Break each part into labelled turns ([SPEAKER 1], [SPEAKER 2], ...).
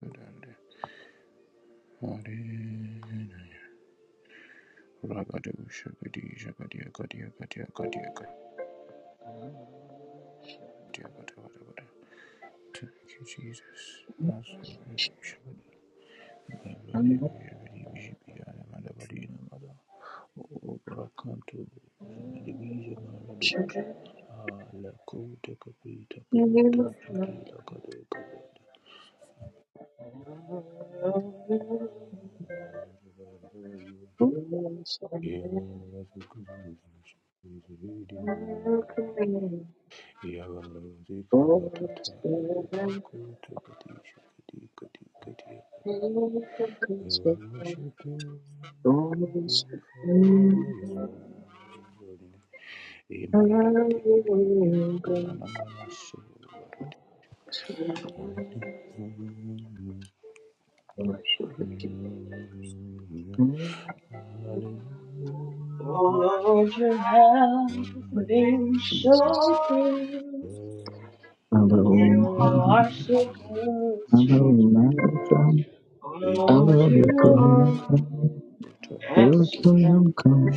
[SPEAKER 1] Thank you, Jesus.
[SPEAKER 2] Jesus.
[SPEAKER 1] Oh, Bracanto, Zemediviza Maradusha. Ah, la Cote Capita Porato, Chutila Cadoca Brada. Here, I was a good Yagalari Karatata Lakabaku Tikati Shikati Kati Kati I worship you, glorify your holy name. Imanada Pati Kipi Kipi Akunana Manasu Varati Hallelujah Hallelujah
[SPEAKER 3] Oh Lord, you have been
[SPEAKER 1] Hallelujah
[SPEAKER 3] so good. Oh,
[SPEAKER 1] Yamanada
[SPEAKER 2] Halloween.
[SPEAKER 3] you are so good to me.
[SPEAKER 2] Halloween.
[SPEAKER 1] Worship
[SPEAKER 3] Oh
[SPEAKER 1] For
[SPEAKER 3] Lord,
[SPEAKER 2] Halloween.
[SPEAKER 3] you are
[SPEAKER 2] Halloween. Your
[SPEAKER 3] excellent.
[SPEAKER 2] kingdom come.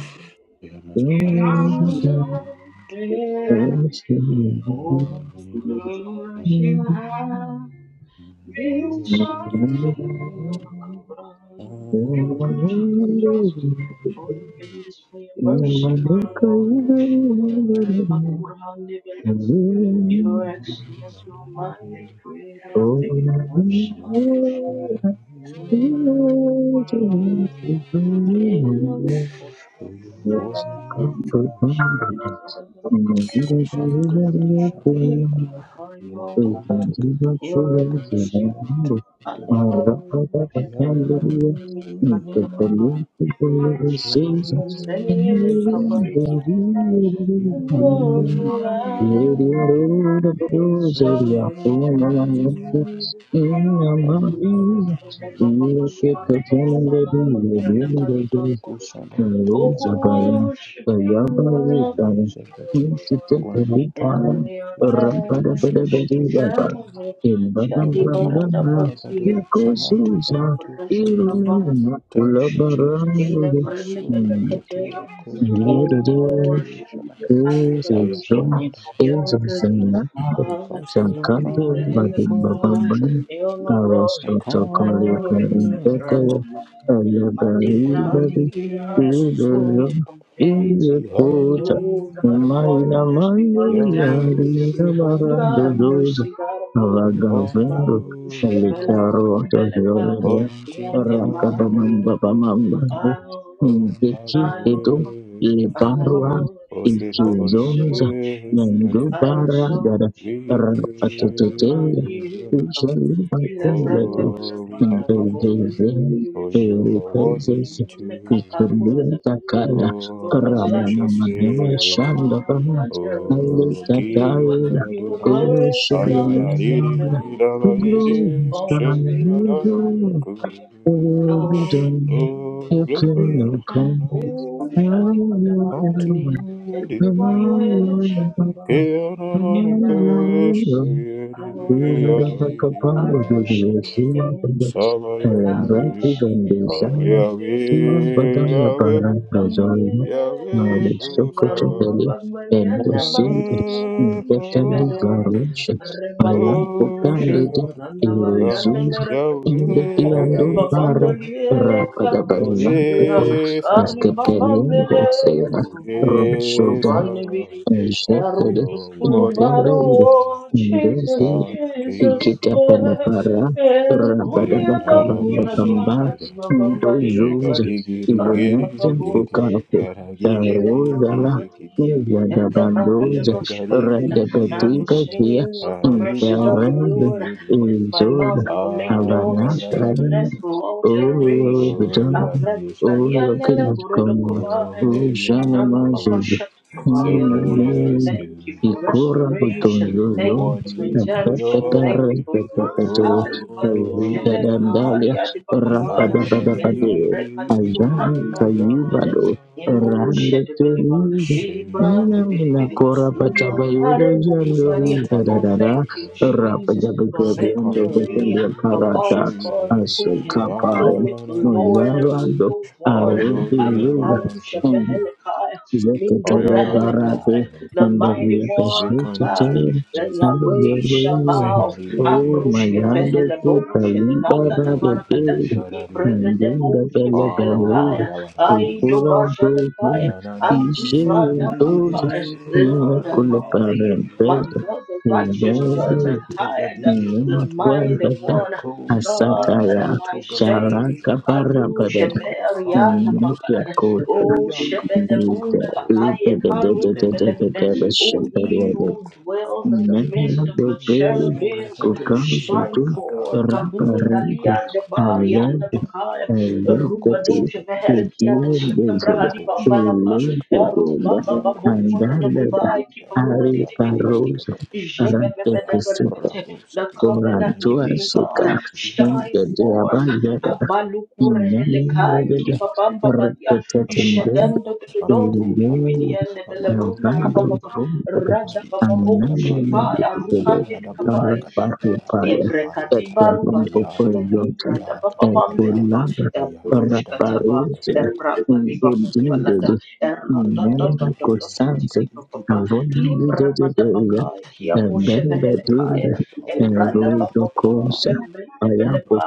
[SPEAKER 2] Thank
[SPEAKER 3] in all of Oh Lord,
[SPEAKER 2] you.
[SPEAKER 3] you have Thank You shine on the cover Jesus. Oh, your goodness, for your mercy, my Lord. Rapakurandibilesa. You are excellent, you are mighty, creator the universe, my Lord.
[SPEAKER 1] your water Hosanna Kanda Shabbat.
[SPEAKER 3] Mm.
[SPEAKER 2] Thank
[SPEAKER 1] Lokum
[SPEAKER 2] you.
[SPEAKER 1] Tekabi
[SPEAKER 3] You're
[SPEAKER 1] Shagadol Shalem Tekadi Shabbat.
[SPEAKER 3] Aliboro Jebediba,
[SPEAKER 1] Yahweh,
[SPEAKER 3] Mimini
[SPEAKER 1] we
[SPEAKER 3] Kandia
[SPEAKER 1] honor you.
[SPEAKER 3] Baba, Alibon
[SPEAKER 1] Yahweh,
[SPEAKER 3] Daniel
[SPEAKER 1] we praise your
[SPEAKER 3] Kabari
[SPEAKER 1] name.
[SPEAKER 3] Kidi,
[SPEAKER 1] Yahweh, you
[SPEAKER 3] Rogua,
[SPEAKER 1] are worthy.
[SPEAKER 3] Enso
[SPEAKER 1] Yahweh, Ayahweh, Ayahweh, Ayahweh, Ayakata Kusanam
[SPEAKER 2] Hello,
[SPEAKER 3] Oh,
[SPEAKER 1] Brina
[SPEAKER 2] Zagaya.
[SPEAKER 1] Mahandusha.
[SPEAKER 3] worship you, Lord, and
[SPEAKER 1] Amize
[SPEAKER 3] you,
[SPEAKER 1] Batisha.
[SPEAKER 3] glory.
[SPEAKER 1] Kurana
[SPEAKER 3] And
[SPEAKER 1] Tukumbe.
[SPEAKER 3] your
[SPEAKER 1] Lukutu
[SPEAKER 3] eyes
[SPEAKER 1] Shabatisha.
[SPEAKER 3] shall be
[SPEAKER 1] Yamadi
[SPEAKER 3] barred
[SPEAKER 1] Dabada
[SPEAKER 3] above
[SPEAKER 1] Bado
[SPEAKER 3] you.
[SPEAKER 1] Zamate Baranto
[SPEAKER 3] Ratika
[SPEAKER 1] Shavadi.
[SPEAKER 3] baradu
[SPEAKER 1] Thank you,
[SPEAKER 3] shit.
[SPEAKER 1] Jesus.
[SPEAKER 3] Ile brand
[SPEAKER 1] Masu
[SPEAKER 2] Thank
[SPEAKER 3] benekate.
[SPEAKER 1] Bratatila Koratan de
[SPEAKER 3] Oh, worship.
[SPEAKER 1] Kutayu Shana.
[SPEAKER 3] I praise
[SPEAKER 1] Ayabada
[SPEAKER 3] your
[SPEAKER 2] Jesusum,
[SPEAKER 1] Bada
[SPEAKER 3] You're a good,
[SPEAKER 1] Bada.
[SPEAKER 3] good
[SPEAKER 2] Jesusenate,
[SPEAKER 1] We
[SPEAKER 3] father.
[SPEAKER 1] cast our
[SPEAKER 3] Mighty
[SPEAKER 2] Shakanti
[SPEAKER 1] crown
[SPEAKER 3] bread like a
[SPEAKER 1] before you,
[SPEAKER 3] boy.
[SPEAKER 1] throne.
[SPEAKER 2] Madhubhavani,
[SPEAKER 3] You're my glory.
[SPEAKER 1] And
[SPEAKER 3] My
[SPEAKER 1] call
[SPEAKER 2] Arasotokolika
[SPEAKER 3] glory
[SPEAKER 1] you
[SPEAKER 3] lifter
[SPEAKER 1] on
[SPEAKER 3] up
[SPEAKER 1] it.
[SPEAKER 3] on
[SPEAKER 2] Indekaya,
[SPEAKER 3] my head.
[SPEAKER 1] Be
[SPEAKER 3] Mighty blood,
[SPEAKER 2] Alabaribadi,
[SPEAKER 1] highly
[SPEAKER 3] who can
[SPEAKER 2] Iberum,
[SPEAKER 1] exalted.
[SPEAKER 3] compare to
[SPEAKER 1] Be
[SPEAKER 3] you?
[SPEAKER 2] Iyakota,
[SPEAKER 1] holy.
[SPEAKER 3] You God of
[SPEAKER 2] Umayna
[SPEAKER 3] wonders beyond the
[SPEAKER 2] Mandi,
[SPEAKER 1] Yahweh,
[SPEAKER 3] galaxy.
[SPEAKER 1] we
[SPEAKER 3] You
[SPEAKER 1] honor
[SPEAKER 3] God
[SPEAKER 2] Adinabarando
[SPEAKER 3] of
[SPEAKER 1] you.
[SPEAKER 3] mercy,
[SPEAKER 2] Doza,
[SPEAKER 3] God of love.
[SPEAKER 1] We honor
[SPEAKER 2] Avagavendo,
[SPEAKER 1] you
[SPEAKER 3] Baruch
[SPEAKER 1] in the
[SPEAKER 3] Bella
[SPEAKER 1] heaven.
[SPEAKER 2] Elikaro
[SPEAKER 3] Bella Ka.
[SPEAKER 2] Otoviolada,
[SPEAKER 1] Unto
[SPEAKER 3] Yande
[SPEAKER 1] all
[SPEAKER 3] Madi.
[SPEAKER 1] the
[SPEAKER 2] Rakabamamba
[SPEAKER 1] praise.
[SPEAKER 2] Bamamba,
[SPEAKER 3] Oh,
[SPEAKER 1] Go and have your
[SPEAKER 3] oh,
[SPEAKER 2] Dikititu,
[SPEAKER 1] way in us.
[SPEAKER 3] I love you.
[SPEAKER 1] Oh, sweet
[SPEAKER 3] I
[SPEAKER 2] ikizoza
[SPEAKER 3] exalt you,
[SPEAKER 1] Holy Spirit,
[SPEAKER 3] I
[SPEAKER 2] mendubara gara
[SPEAKER 3] exalt your name.
[SPEAKER 1] we
[SPEAKER 2] rapatatatela
[SPEAKER 3] Shakabrati
[SPEAKER 1] praise you.
[SPEAKER 3] kaba. Ilebrende
[SPEAKER 2] ijalibakelete
[SPEAKER 1] Oh, we
[SPEAKER 3] lebrada
[SPEAKER 1] magnify you.
[SPEAKER 3] babomeli
[SPEAKER 2] ndezeze
[SPEAKER 3] umili
[SPEAKER 1] For you are
[SPEAKER 3] shakaba.
[SPEAKER 2] erepezeze
[SPEAKER 1] worthy to
[SPEAKER 3] Inyeme
[SPEAKER 1] be praised.
[SPEAKER 3] kakakura da kuyada.
[SPEAKER 2] ikulutakala
[SPEAKER 3] Lord
[SPEAKER 1] Oh,
[SPEAKER 3] is like
[SPEAKER 1] precious
[SPEAKER 3] unto thee, Abba
[SPEAKER 1] Savior.
[SPEAKER 3] Father.
[SPEAKER 2] ramanamanamashandabana
[SPEAKER 3] There is none
[SPEAKER 1] Oh,
[SPEAKER 3] like you.
[SPEAKER 1] King
[SPEAKER 2] aletatala
[SPEAKER 3] You are
[SPEAKER 1] Adonai.
[SPEAKER 3] glorious in holiness and
[SPEAKER 2] ewashiglenonana
[SPEAKER 1] Ayanadidi,
[SPEAKER 3] fearfully. praises.
[SPEAKER 1] Dabadidi,
[SPEAKER 2] glorify
[SPEAKER 3] Always
[SPEAKER 2] the
[SPEAKER 3] be one desire
[SPEAKER 1] Shemiradadu,
[SPEAKER 2] Lord,
[SPEAKER 3] you be.
[SPEAKER 1] Kududu.
[SPEAKER 2] will be
[SPEAKER 3] Oh,
[SPEAKER 2] done.
[SPEAKER 3] King
[SPEAKER 1] Oh,
[SPEAKER 2] You
[SPEAKER 3] of
[SPEAKER 1] glory
[SPEAKER 2] can
[SPEAKER 3] glory.
[SPEAKER 1] and honor
[SPEAKER 3] Oh, Shani
[SPEAKER 1] unto
[SPEAKER 2] come.
[SPEAKER 3] Badabarakadia.
[SPEAKER 1] your
[SPEAKER 3] And
[SPEAKER 2] And to
[SPEAKER 1] name.
[SPEAKER 3] somebody else, Shani
[SPEAKER 2] see
[SPEAKER 3] Badabarakadia in
[SPEAKER 1] Yahweh
[SPEAKER 3] my eyes,
[SPEAKER 1] Sabbath,
[SPEAKER 3] I rush.
[SPEAKER 1] Yahweh
[SPEAKER 3] I rush it again.
[SPEAKER 1] Sabbath,
[SPEAKER 3] The Kalish, the owner of the earth and his foolishness. Bandiesh, Alibarum, Babaliana Baku,
[SPEAKER 2] this better
[SPEAKER 3] Shebede,
[SPEAKER 2] variation, I
[SPEAKER 3] Rebabo,
[SPEAKER 2] am candidate
[SPEAKER 3] Shalmanana Baliana
[SPEAKER 2] erosions
[SPEAKER 3] Marakati,
[SPEAKER 2] in the piano bar
[SPEAKER 3] Rababambalie,
[SPEAKER 2] Rapada Barina
[SPEAKER 3] Karushavia,
[SPEAKER 2] Kato, Maskepelin,
[SPEAKER 3] Karibabambele,
[SPEAKER 2] Sera,
[SPEAKER 3] Kurbu,
[SPEAKER 2] Rosoda
[SPEAKER 3] Kurbani
[SPEAKER 2] Shepherd
[SPEAKER 1] you're worthy
[SPEAKER 2] integra
[SPEAKER 3] Erutupulumaro,
[SPEAKER 1] to be.
[SPEAKER 3] Jesus,
[SPEAKER 2] ndezi
[SPEAKER 1] our
[SPEAKER 3] Jesus, yeah.
[SPEAKER 1] King.
[SPEAKER 2] ikitapalapara
[SPEAKER 3] El kunia babura dia
[SPEAKER 2] rabadabakabambakamba
[SPEAKER 1] Leonardo-di-di-di-di.
[SPEAKER 3] kadi babambali
[SPEAKER 2] ndozoza
[SPEAKER 3] kabali. Rapa
[SPEAKER 2] ivonete
[SPEAKER 3] baburu
[SPEAKER 1] Jigari-giri-giri-giri.
[SPEAKER 2] pokapo
[SPEAKER 3] shedeka. Ile braka
[SPEAKER 2] darozala
[SPEAKER 1] Garagi-gigi-gigi-gigi.
[SPEAKER 3] badi. Ele brahada
[SPEAKER 2] izadabandoza
[SPEAKER 3] bashaka I will
[SPEAKER 1] Iyagari-giri-giri.
[SPEAKER 2] radagadigakia
[SPEAKER 3] sing of the mercies of the
[SPEAKER 2] interrede
[SPEAKER 3] Lord.
[SPEAKER 1] Ari-di-di-di-di-di.
[SPEAKER 3] With my
[SPEAKER 2] izoza
[SPEAKER 3] mouth I will make known his
[SPEAKER 1] Ayaradari.
[SPEAKER 2] avanatarana
[SPEAKER 3] faithfulness for all
[SPEAKER 2] oyo
[SPEAKER 3] generation.
[SPEAKER 2] bitoni oyo
[SPEAKER 3] Abradukalia
[SPEAKER 1] Oyari-yeshabadi.
[SPEAKER 3] nele burodo
[SPEAKER 2] kinatkomma
[SPEAKER 3] kubahe.
[SPEAKER 1] Oh, you
[SPEAKER 3] In
[SPEAKER 2] ojana
[SPEAKER 3] braba
[SPEAKER 1] are
[SPEAKER 3] baba shaka
[SPEAKER 1] so glorious to
[SPEAKER 3] Thank you
[SPEAKER 1] be
[SPEAKER 3] for
[SPEAKER 2] Ikora
[SPEAKER 3] restoration.
[SPEAKER 1] You are
[SPEAKER 2] utunjojo
[SPEAKER 3] Thank you for
[SPEAKER 1] worthy, you
[SPEAKER 3] redemption.
[SPEAKER 1] are
[SPEAKER 3] Thank
[SPEAKER 2] rapatara
[SPEAKER 3] you
[SPEAKER 1] worthy.
[SPEAKER 3] for growth.
[SPEAKER 2] tapakato
[SPEAKER 3] Ha, ibadu shele
[SPEAKER 1] Oh,
[SPEAKER 3] kahari
[SPEAKER 2] dadandalia
[SPEAKER 1] Oh,
[SPEAKER 3] adibakabai.
[SPEAKER 1] glory
[SPEAKER 2] rapadabadabade
[SPEAKER 3] Ende breka duku
[SPEAKER 2] ajana
[SPEAKER 3] hadibabedebede.
[SPEAKER 2] kayibado
[SPEAKER 3] Emo shedebeleba.
[SPEAKER 2] randeterize nina
[SPEAKER 3] Ilibrandi
[SPEAKER 2] mina
[SPEAKER 3] bidibidi.
[SPEAKER 2] kora patabayudo
[SPEAKER 3] Umakare
[SPEAKER 2] jandori
[SPEAKER 3] bukubalia. Oh,
[SPEAKER 2] dadadada
[SPEAKER 3] thank you, Jesus, for
[SPEAKER 2] rapadabakabiando
[SPEAKER 3] victory.
[SPEAKER 2] bekendia
[SPEAKER 3] For God
[SPEAKER 2] karata
[SPEAKER 3] is God who can battle
[SPEAKER 2] asukapare
[SPEAKER 3] with the Lord. There is
[SPEAKER 2] mojavado
[SPEAKER 3] no one.
[SPEAKER 1] and
[SPEAKER 2] arudiluga
[SPEAKER 1] honor to
[SPEAKER 3] Aikarusha
[SPEAKER 1] him.
[SPEAKER 3] behelekai. Mindo
[SPEAKER 2] Zekatele barate
[SPEAKER 3] brehelekai
[SPEAKER 1] Ayadadididi,
[SPEAKER 3] the
[SPEAKER 2] and
[SPEAKER 3] mighty
[SPEAKER 2] every
[SPEAKER 3] one, God,
[SPEAKER 2] peshetatele
[SPEAKER 1] zikanikidikidi,
[SPEAKER 3] the
[SPEAKER 2] and
[SPEAKER 3] Yahweh
[SPEAKER 1] ziji,
[SPEAKER 2] every
[SPEAKER 3] Shabbat,
[SPEAKER 2] oh my
[SPEAKER 1] zenadidididi,
[SPEAKER 3] Ambrushke
[SPEAKER 2] yando
[SPEAKER 1] yadadidi,
[SPEAKER 2] kuta
[SPEAKER 3] Vehelebush, and Nanda de
[SPEAKER 2] liberate
[SPEAKER 3] Barakata,
[SPEAKER 1] zikaladidadadi,
[SPEAKER 3] Ibrega
[SPEAKER 2] and
[SPEAKER 3] de
[SPEAKER 2] in the
[SPEAKER 3] Bushke
[SPEAKER 2] bella beluga
[SPEAKER 3] Vehelakaya, I
[SPEAKER 1] ayabadabadadi.
[SPEAKER 3] do
[SPEAKER 2] ukura dozo
[SPEAKER 3] Bashanakaya, and
[SPEAKER 2] ishe
[SPEAKER 3] Duranda
[SPEAKER 1] Ayanananidididididi,
[SPEAKER 2] dozo
[SPEAKER 3] Bakaya. Lord, I
[SPEAKER 2] kule
[SPEAKER 3] honor you, my
[SPEAKER 1] karadididididi.
[SPEAKER 2] parentesa
[SPEAKER 3] God, the righteous judge,
[SPEAKER 1] Uzemente
[SPEAKER 3] I
[SPEAKER 1] vedije
[SPEAKER 3] the
[SPEAKER 1] matu,
[SPEAKER 2] Makwa
[SPEAKER 3] mighty
[SPEAKER 2] nta
[SPEAKER 3] one,
[SPEAKER 1] reko
[SPEAKER 3] God,
[SPEAKER 2] asada
[SPEAKER 1] tebiza
[SPEAKER 2] ya
[SPEAKER 1] matu
[SPEAKER 3] my
[SPEAKER 1] brakatu,
[SPEAKER 2] cara
[SPEAKER 3] Savior,
[SPEAKER 1] jakaba,
[SPEAKER 2] kabara
[SPEAKER 1] jakaba,
[SPEAKER 3] Adu
[SPEAKER 2] pada
[SPEAKER 1] jakaba, jakaba,
[SPEAKER 3] Sheberianda
[SPEAKER 1] jakaba, jakaba, jakaba,
[SPEAKER 3] Bakaya.
[SPEAKER 1] jakaba.
[SPEAKER 2] majakota
[SPEAKER 3] Oh,
[SPEAKER 1] Yakaku,
[SPEAKER 3] Shebede
[SPEAKER 2] niya
[SPEAKER 3] Bunda
[SPEAKER 1] kaku, kaku,
[SPEAKER 3] Bakaya,
[SPEAKER 2] ubeda dada
[SPEAKER 1] kadiga,
[SPEAKER 2] dada
[SPEAKER 1] gagu,
[SPEAKER 3] Karunda
[SPEAKER 2] dada
[SPEAKER 3] O
[SPEAKER 2] bashe
[SPEAKER 1] gagu,
[SPEAKER 2] dari
[SPEAKER 3] he
[SPEAKER 1] kadia,
[SPEAKER 2] ada
[SPEAKER 3] who
[SPEAKER 1] gagu,
[SPEAKER 3] dwells
[SPEAKER 1] gaba.
[SPEAKER 3] in the
[SPEAKER 2] namanya
[SPEAKER 3] midst of the
[SPEAKER 1] Nikizo
[SPEAKER 2] dobel
[SPEAKER 1] sumbre
[SPEAKER 3] cherubims,
[SPEAKER 1] hete
[SPEAKER 2] ukan
[SPEAKER 1] shageti
[SPEAKER 3] shine
[SPEAKER 2] sudut
[SPEAKER 3] forth.
[SPEAKER 1] katala,
[SPEAKER 3] Kabun
[SPEAKER 1] brakata,
[SPEAKER 2] rafarin
[SPEAKER 3] dalia
[SPEAKER 1] kadia,
[SPEAKER 3] de
[SPEAKER 1] kadia.
[SPEAKER 3] bari
[SPEAKER 2] alam
[SPEAKER 3] and the bakaya.
[SPEAKER 2] alam
[SPEAKER 1] Iko,
[SPEAKER 2] beti
[SPEAKER 1] shea,
[SPEAKER 3] Rubadoja
[SPEAKER 1] kapicha.
[SPEAKER 3] vehelikia de
[SPEAKER 2] udin besok
[SPEAKER 1] Iko,
[SPEAKER 3] shekabrahadi
[SPEAKER 1] shea,
[SPEAKER 3] bambalapa.
[SPEAKER 1] kapicha.
[SPEAKER 2] alam kedua
[SPEAKER 1] Iko, shea,
[SPEAKER 2] ada
[SPEAKER 3] Rubabababumbola de
[SPEAKER 1] kapicha.
[SPEAKER 2] ada
[SPEAKER 3] kubai
[SPEAKER 2] hari
[SPEAKER 3] kibarundi
[SPEAKER 1] Iko, shea,
[SPEAKER 3] dibidibidi.
[SPEAKER 2] paroso
[SPEAKER 1] kapicha. Iko, shea,
[SPEAKER 2] rante kusip.
[SPEAKER 1] kapicha.
[SPEAKER 3] Jebebebedeberebete.
[SPEAKER 1] Iko, shea,
[SPEAKER 3] The covenant
[SPEAKER 2] Kurantua
[SPEAKER 3] keeping
[SPEAKER 1] kapicha.
[SPEAKER 3] God,
[SPEAKER 2] suka
[SPEAKER 1] Iko,
[SPEAKER 3] shine
[SPEAKER 2] jadi apa
[SPEAKER 3] forth.
[SPEAKER 1] shea,
[SPEAKER 2] ya?
[SPEAKER 1] kapicha.
[SPEAKER 3] Abalukure
[SPEAKER 2] Ini
[SPEAKER 3] helekai
[SPEAKER 2] jadi
[SPEAKER 3] kibabamba badia.
[SPEAKER 1] Amahati,
[SPEAKER 2] repetisi
[SPEAKER 3] Jedendo
[SPEAKER 2] Thank
[SPEAKER 3] dodon
[SPEAKER 1] Amato
[SPEAKER 3] dibidibidi
[SPEAKER 1] Parata,
[SPEAKER 3] and the
[SPEAKER 1] Amato
[SPEAKER 3] Lebruna
[SPEAKER 1] Paratatia, Amahadi,
[SPEAKER 3] Radababo
[SPEAKER 1] Tabarida Bala,
[SPEAKER 3] Shivaya
[SPEAKER 1] Alabala
[SPEAKER 3] Rukandin Kabaya
[SPEAKER 1] Dabada Katia Kadala,
[SPEAKER 3] libra
[SPEAKER 1] Arata, Ayata,
[SPEAKER 3] libra da
[SPEAKER 1] Yata,
[SPEAKER 3] baba bamveleba,
[SPEAKER 1] Ayata, Ayadi
[SPEAKER 3] ebrush kataba,
[SPEAKER 1] Hadagadan, the Hekati,
[SPEAKER 3] Ebra maliba
[SPEAKER 1] the Dikatia
[SPEAKER 3] bambalada, Errada da
[SPEAKER 1] Kadakada,
[SPEAKER 3] da da da
[SPEAKER 1] Ayanda
[SPEAKER 3] titi di
[SPEAKER 1] Prakati,
[SPEAKER 3] baba Ebrekadibarubadi, Elibradabababamveleba, Ebrushkataba,
[SPEAKER 1] Kiki,
[SPEAKER 3] Ebrabalibabalada, Eradadadadadadadididibababa,
[SPEAKER 1] Kiki,
[SPEAKER 3] Librabadabakai,
[SPEAKER 1] Even Kapoka,
[SPEAKER 3] Kiaboshenehelekaya,
[SPEAKER 1] Kukuka, Kapoka, Kukuka,
[SPEAKER 3] Embradababababamvelebeleba,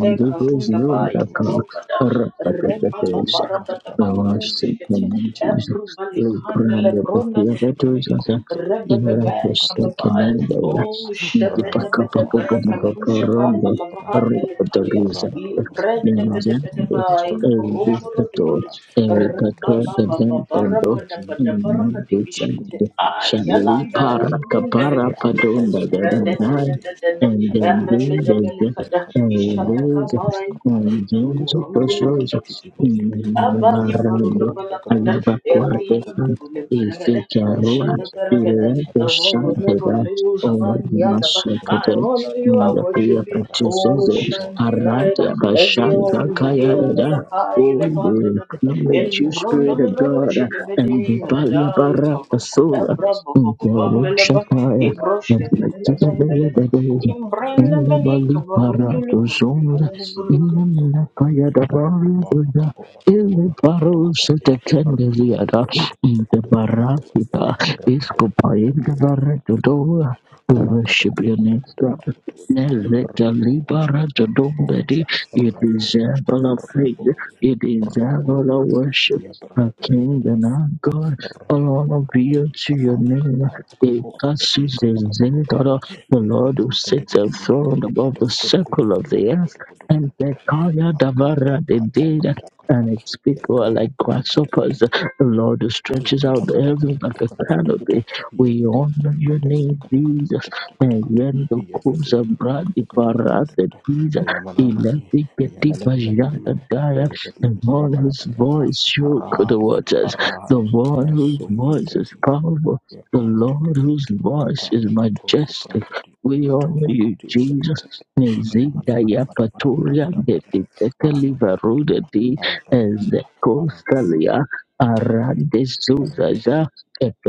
[SPEAKER 1] Allah, Tom, Katu, Sugar.
[SPEAKER 3] Kabambada,
[SPEAKER 1] Yelebedibinda mahataba katela
[SPEAKER 2] Namaste,
[SPEAKER 3] Rebababarabadabakushkete,
[SPEAKER 2] Amen,
[SPEAKER 1] katikatia
[SPEAKER 2] Jesus. We crown you
[SPEAKER 1] katoka
[SPEAKER 2] with
[SPEAKER 1] ba.
[SPEAKER 3] Ebrubalikandelebronda,
[SPEAKER 2] your victories as a
[SPEAKER 1] Yakuta kapi
[SPEAKER 2] inner
[SPEAKER 3] Rebebebe,
[SPEAKER 1] kapara katoka
[SPEAKER 2] forsaken
[SPEAKER 3] Kababai,
[SPEAKER 2] ender.
[SPEAKER 1] bara
[SPEAKER 3] Oh, shabada
[SPEAKER 1] Rabado,
[SPEAKER 3] bada barakatusha
[SPEAKER 1] Rabado,
[SPEAKER 3] handa
[SPEAKER 2] Dipakapapapapapaporondo.
[SPEAKER 3] la mahanda
[SPEAKER 1] Rabado,
[SPEAKER 3] likaya.
[SPEAKER 2] Rotogriza.
[SPEAKER 1] Rabado,
[SPEAKER 3] Libranda bada
[SPEAKER 1] Rabado,
[SPEAKER 3] bada
[SPEAKER 2] Nzendo.
[SPEAKER 3] bai
[SPEAKER 1] Reko
[SPEAKER 3] kababomboro
[SPEAKER 2] Evitato.
[SPEAKER 3] dugudu.
[SPEAKER 1] Jagataria, Arento
[SPEAKER 3] Rabba
[SPEAKER 2] Evitaka.
[SPEAKER 3] baba
[SPEAKER 1] Kusande,
[SPEAKER 3] baba
[SPEAKER 2] Zendo.
[SPEAKER 3] rabada
[SPEAKER 1] Ayagadi,
[SPEAKER 3] bada baraka
[SPEAKER 1] Kibidibian,
[SPEAKER 2] Nandutsa.
[SPEAKER 3] dibishkite.
[SPEAKER 1] Kibindi, Kibindi, Kibindi,
[SPEAKER 2] Shalili
[SPEAKER 3] Ayalanda
[SPEAKER 2] para
[SPEAKER 1] Kibindi,
[SPEAKER 3] nandulum
[SPEAKER 1] Kibindi,
[SPEAKER 2] kapara
[SPEAKER 3] belekete.
[SPEAKER 2] padonda
[SPEAKER 3] Ibrada
[SPEAKER 1] Azento
[SPEAKER 3] da da
[SPEAKER 2] dadandai.
[SPEAKER 3] da da
[SPEAKER 1] Parakatesha,
[SPEAKER 3] da.
[SPEAKER 2] And then
[SPEAKER 1] Ayadi
[SPEAKER 3] Rabada
[SPEAKER 2] do
[SPEAKER 1] Shagadi,
[SPEAKER 2] this.
[SPEAKER 1] Kadi,
[SPEAKER 3] belekada.
[SPEAKER 1] Kadu, Kubara
[SPEAKER 3] Ishataka
[SPEAKER 1] Kato
[SPEAKER 2] Jesus,
[SPEAKER 3] bai
[SPEAKER 1] Shakaba,
[SPEAKER 3] kubu.
[SPEAKER 1] Yakato
[SPEAKER 2] Jesus,
[SPEAKER 3] Kurumbulu
[SPEAKER 2] precious,
[SPEAKER 1] Barakadi,
[SPEAKER 3] kutu kutu
[SPEAKER 1] Kibindi,
[SPEAKER 3] kutu.
[SPEAKER 1] Kibikapundu,
[SPEAKER 3] Abadi
[SPEAKER 1] Kabunda,
[SPEAKER 3] baruda
[SPEAKER 2] Marando,
[SPEAKER 1] Kabunda,
[SPEAKER 3] balakada.
[SPEAKER 1] Kabunda, Kabunda,
[SPEAKER 3] Eri.
[SPEAKER 2] Ayabacuateca,
[SPEAKER 1] Kabunda,
[SPEAKER 3] Gule
[SPEAKER 1] Kabunda,
[SPEAKER 3] baragada.
[SPEAKER 1] Kabunda,
[SPEAKER 2] Ificarua,
[SPEAKER 1] Yabaka,
[SPEAKER 3] Ushata
[SPEAKER 1] Baraka,
[SPEAKER 2] Ilete
[SPEAKER 3] the
[SPEAKER 1] Baraka,
[SPEAKER 3] woman never
[SPEAKER 1] Baraka,
[SPEAKER 2] Shanteda,
[SPEAKER 3] fails,
[SPEAKER 2] O
[SPEAKER 3] man, the other.
[SPEAKER 1] Rakatoka
[SPEAKER 3] I
[SPEAKER 2] Masakade,
[SPEAKER 1] brakadisha
[SPEAKER 3] honor you, I
[SPEAKER 2] the
[SPEAKER 1] kataria.
[SPEAKER 3] worship
[SPEAKER 2] Pia
[SPEAKER 3] you, oh,
[SPEAKER 2] Petrusese,
[SPEAKER 1] Rakatoko
[SPEAKER 3] shine
[SPEAKER 1] pora
[SPEAKER 3] the
[SPEAKER 1] kapora.
[SPEAKER 3] light,
[SPEAKER 2] Aradia Bashanga
[SPEAKER 3] Elion, the end of
[SPEAKER 1] Rakatoka
[SPEAKER 3] the
[SPEAKER 2] Kayada.
[SPEAKER 1] pora
[SPEAKER 3] Kai,
[SPEAKER 2] Oh,
[SPEAKER 3] the
[SPEAKER 1] kabakra.
[SPEAKER 2] we
[SPEAKER 3] Bandana,
[SPEAKER 2] acknowledge
[SPEAKER 3] Eli
[SPEAKER 2] you,
[SPEAKER 1] Rakapoka
[SPEAKER 3] Bruno,
[SPEAKER 2] Spirit
[SPEAKER 3] the
[SPEAKER 2] of
[SPEAKER 1] brakadira
[SPEAKER 3] Lodo,
[SPEAKER 2] God,
[SPEAKER 3] she the
[SPEAKER 1] kataria.
[SPEAKER 2] and the
[SPEAKER 3] Bedi, and
[SPEAKER 2] Balia
[SPEAKER 3] I,
[SPEAKER 1] Rakapoka
[SPEAKER 3] Yakova,
[SPEAKER 2] Baraka Sola,
[SPEAKER 1] brakabora
[SPEAKER 3] Abrabo,
[SPEAKER 2] in the Rusha
[SPEAKER 3] Melaba,
[SPEAKER 1] Rakabora
[SPEAKER 2] Fire,
[SPEAKER 1] kabora
[SPEAKER 2] and
[SPEAKER 3] Ibroshka,
[SPEAKER 1] kabora
[SPEAKER 3] the
[SPEAKER 1] kabora
[SPEAKER 2] the
[SPEAKER 1] kabudakatolia.
[SPEAKER 3] Helabandana,
[SPEAKER 1] Rako
[SPEAKER 2] Tita
[SPEAKER 1] be kadi
[SPEAKER 3] Imbrana
[SPEAKER 2] in the
[SPEAKER 1] kadi
[SPEAKER 3] Manika,
[SPEAKER 2] bali
[SPEAKER 1] akakoko
[SPEAKER 2] para
[SPEAKER 3] Barundulu,
[SPEAKER 2] dos
[SPEAKER 1] kabarakabora kaka.
[SPEAKER 2] ondas,
[SPEAKER 1] Iya
[SPEAKER 2] the
[SPEAKER 1] kento ko
[SPEAKER 2] na
[SPEAKER 1] be
[SPEAKER 2] praia da
[SPEAKER 1] kadi kubara
[SPEAKER 2] barriga,
[SPEAKER 1] kabora kabura
[SPEAKER 2] ele parou se
[SPEAKER 1] kabudakatolia.
[SPEAKER 2] te
[SPEAKER 1] Riko be
[SPEAKER 2] candeliada,
[SPEAKER 1] kudo kudo kudo
[SPEAKER 2] in the
[SPEAKER 1] kudo kudo kudo kudolia.
[SPEAKER 2] barrapita,
[SPEAKER 1] Raka be kudo
[SPEAKER 2] escopa
[SPEAKER 1] kudo
[SPEAKER 2] ele
[SPEAKER 1] kudo kudo kudo kudolia.
[SPEAKER 2] barretadora, to
[SPEAKER 1] Raka be
[SPEAKER 2] worship
[SPEAKER 1] kudo
[SPEAKER 2] your
[SPEAKER 1] kudo
[SPEAKER 2] name,
[SPEAKER 1] kudo kudo
[SPEAKER 2] God.
[SPEAKER 1] kudo kudolia.
[SPEAKER 2] Neleta
[SPEAKER 1] Raboja.
[SPEAKER 2] libara to dombedi,
[SPEAKER 1] Raboja.
[SPEAKER 2] it is
[SPEAKER 1] Raboja.
[SPEAKER 2] ever a praise,
[SPEAKER 1] Raboja.
[SPEAKER 2] it is ever a
[SPEAKER 1] Raboja.
[SPEAKER 2] worship,
[SPEAKER 1] Iya kado
[SPEAKER 2] a
[SPEAKER 1] kadi
[SPEAKER 2] king
[SPEAKER 1] kadi
[SPEAKER 2] and our
[SPEAKER 1] akata.
[SPEAKER 2] God, all honor
[SPEAKER 1] Rakapora the
[SPEAKER 2] be unto
[SPEAKER 1] Pika
[SPEAKER 2] your
[SPEAKER 1] Paraka
[SPEAKER 2] name,
[SPEAKER 1] Paraka
[SPEAKER 2] it
[SPEAKER 1] Kapora the
[SPEAKER 2] passes
[SPEAKER 1] Pika
[SPEAKER 2] the
[SPEAKER 1] Pakapakapaya
[SPEAKER 2] Zendarada the Lord who
[SPEAKER 1] Yakatoka the
[SPEAKER 2] sits enthroned
[SPEAKER 1] Gadikadikadia
[SPEAKER 2] above the
[SPEAKER 1] Katoko to
[SPEAKER 2] circle
[SPEAKER 1] Kutuku
[SPEAKER 2] of
[SPEAKER 1] to
[SPEAKER 2] the
[SPEAKER 1] Kutuku
[SPEAKER 2] earth,
[SPEAKER 1] to Kutuku
[SPEAKER 2] and the Kaya
[SPEAKER 1] Yakata
[SPEAKER 2] Davara they
[SPEAKER 1] kata
[SPEAKER 2] did,
[SPEAKER 1] kata
[SPEAKER 2] and
[SPEAKER 1] kata
[SPEAKER 2] its people are
[SPEAKER 1] yakata
[SPEAKER 2] like
[SPEAKER 1] kata kata kata
[SPEAKER 2] grasshoppers. The
[SPEAKER 1] kata
[SPEAKER 2] Lord who stretches out the heavens like a canopy. We honor your name, Jesus. And when the Kusa Bradi Parate Jesus, Elefi Ketipa Janta Daya, the one whose voice shook the
[SPEAKER 1] Arados,
[SPEAKER 2] waters, the
[SPEAKER 1] Arados,
[SPEAKER 2] one whose
[SPEAKER 1] so
[SPEAKER 2] voice is
[SPEAKER 1] protective,
[SPEAKER 2] powerful. The Lord
[SPEAKER 1] Arabadia,
[SPEAKER 2] whose voice is majestic we honor you, Jesus. Nizika ya patoria getiteke livarude di ezekostalia
[SPEAKER 1] Arabadia,
[SPEAKER 2] arande zuzaza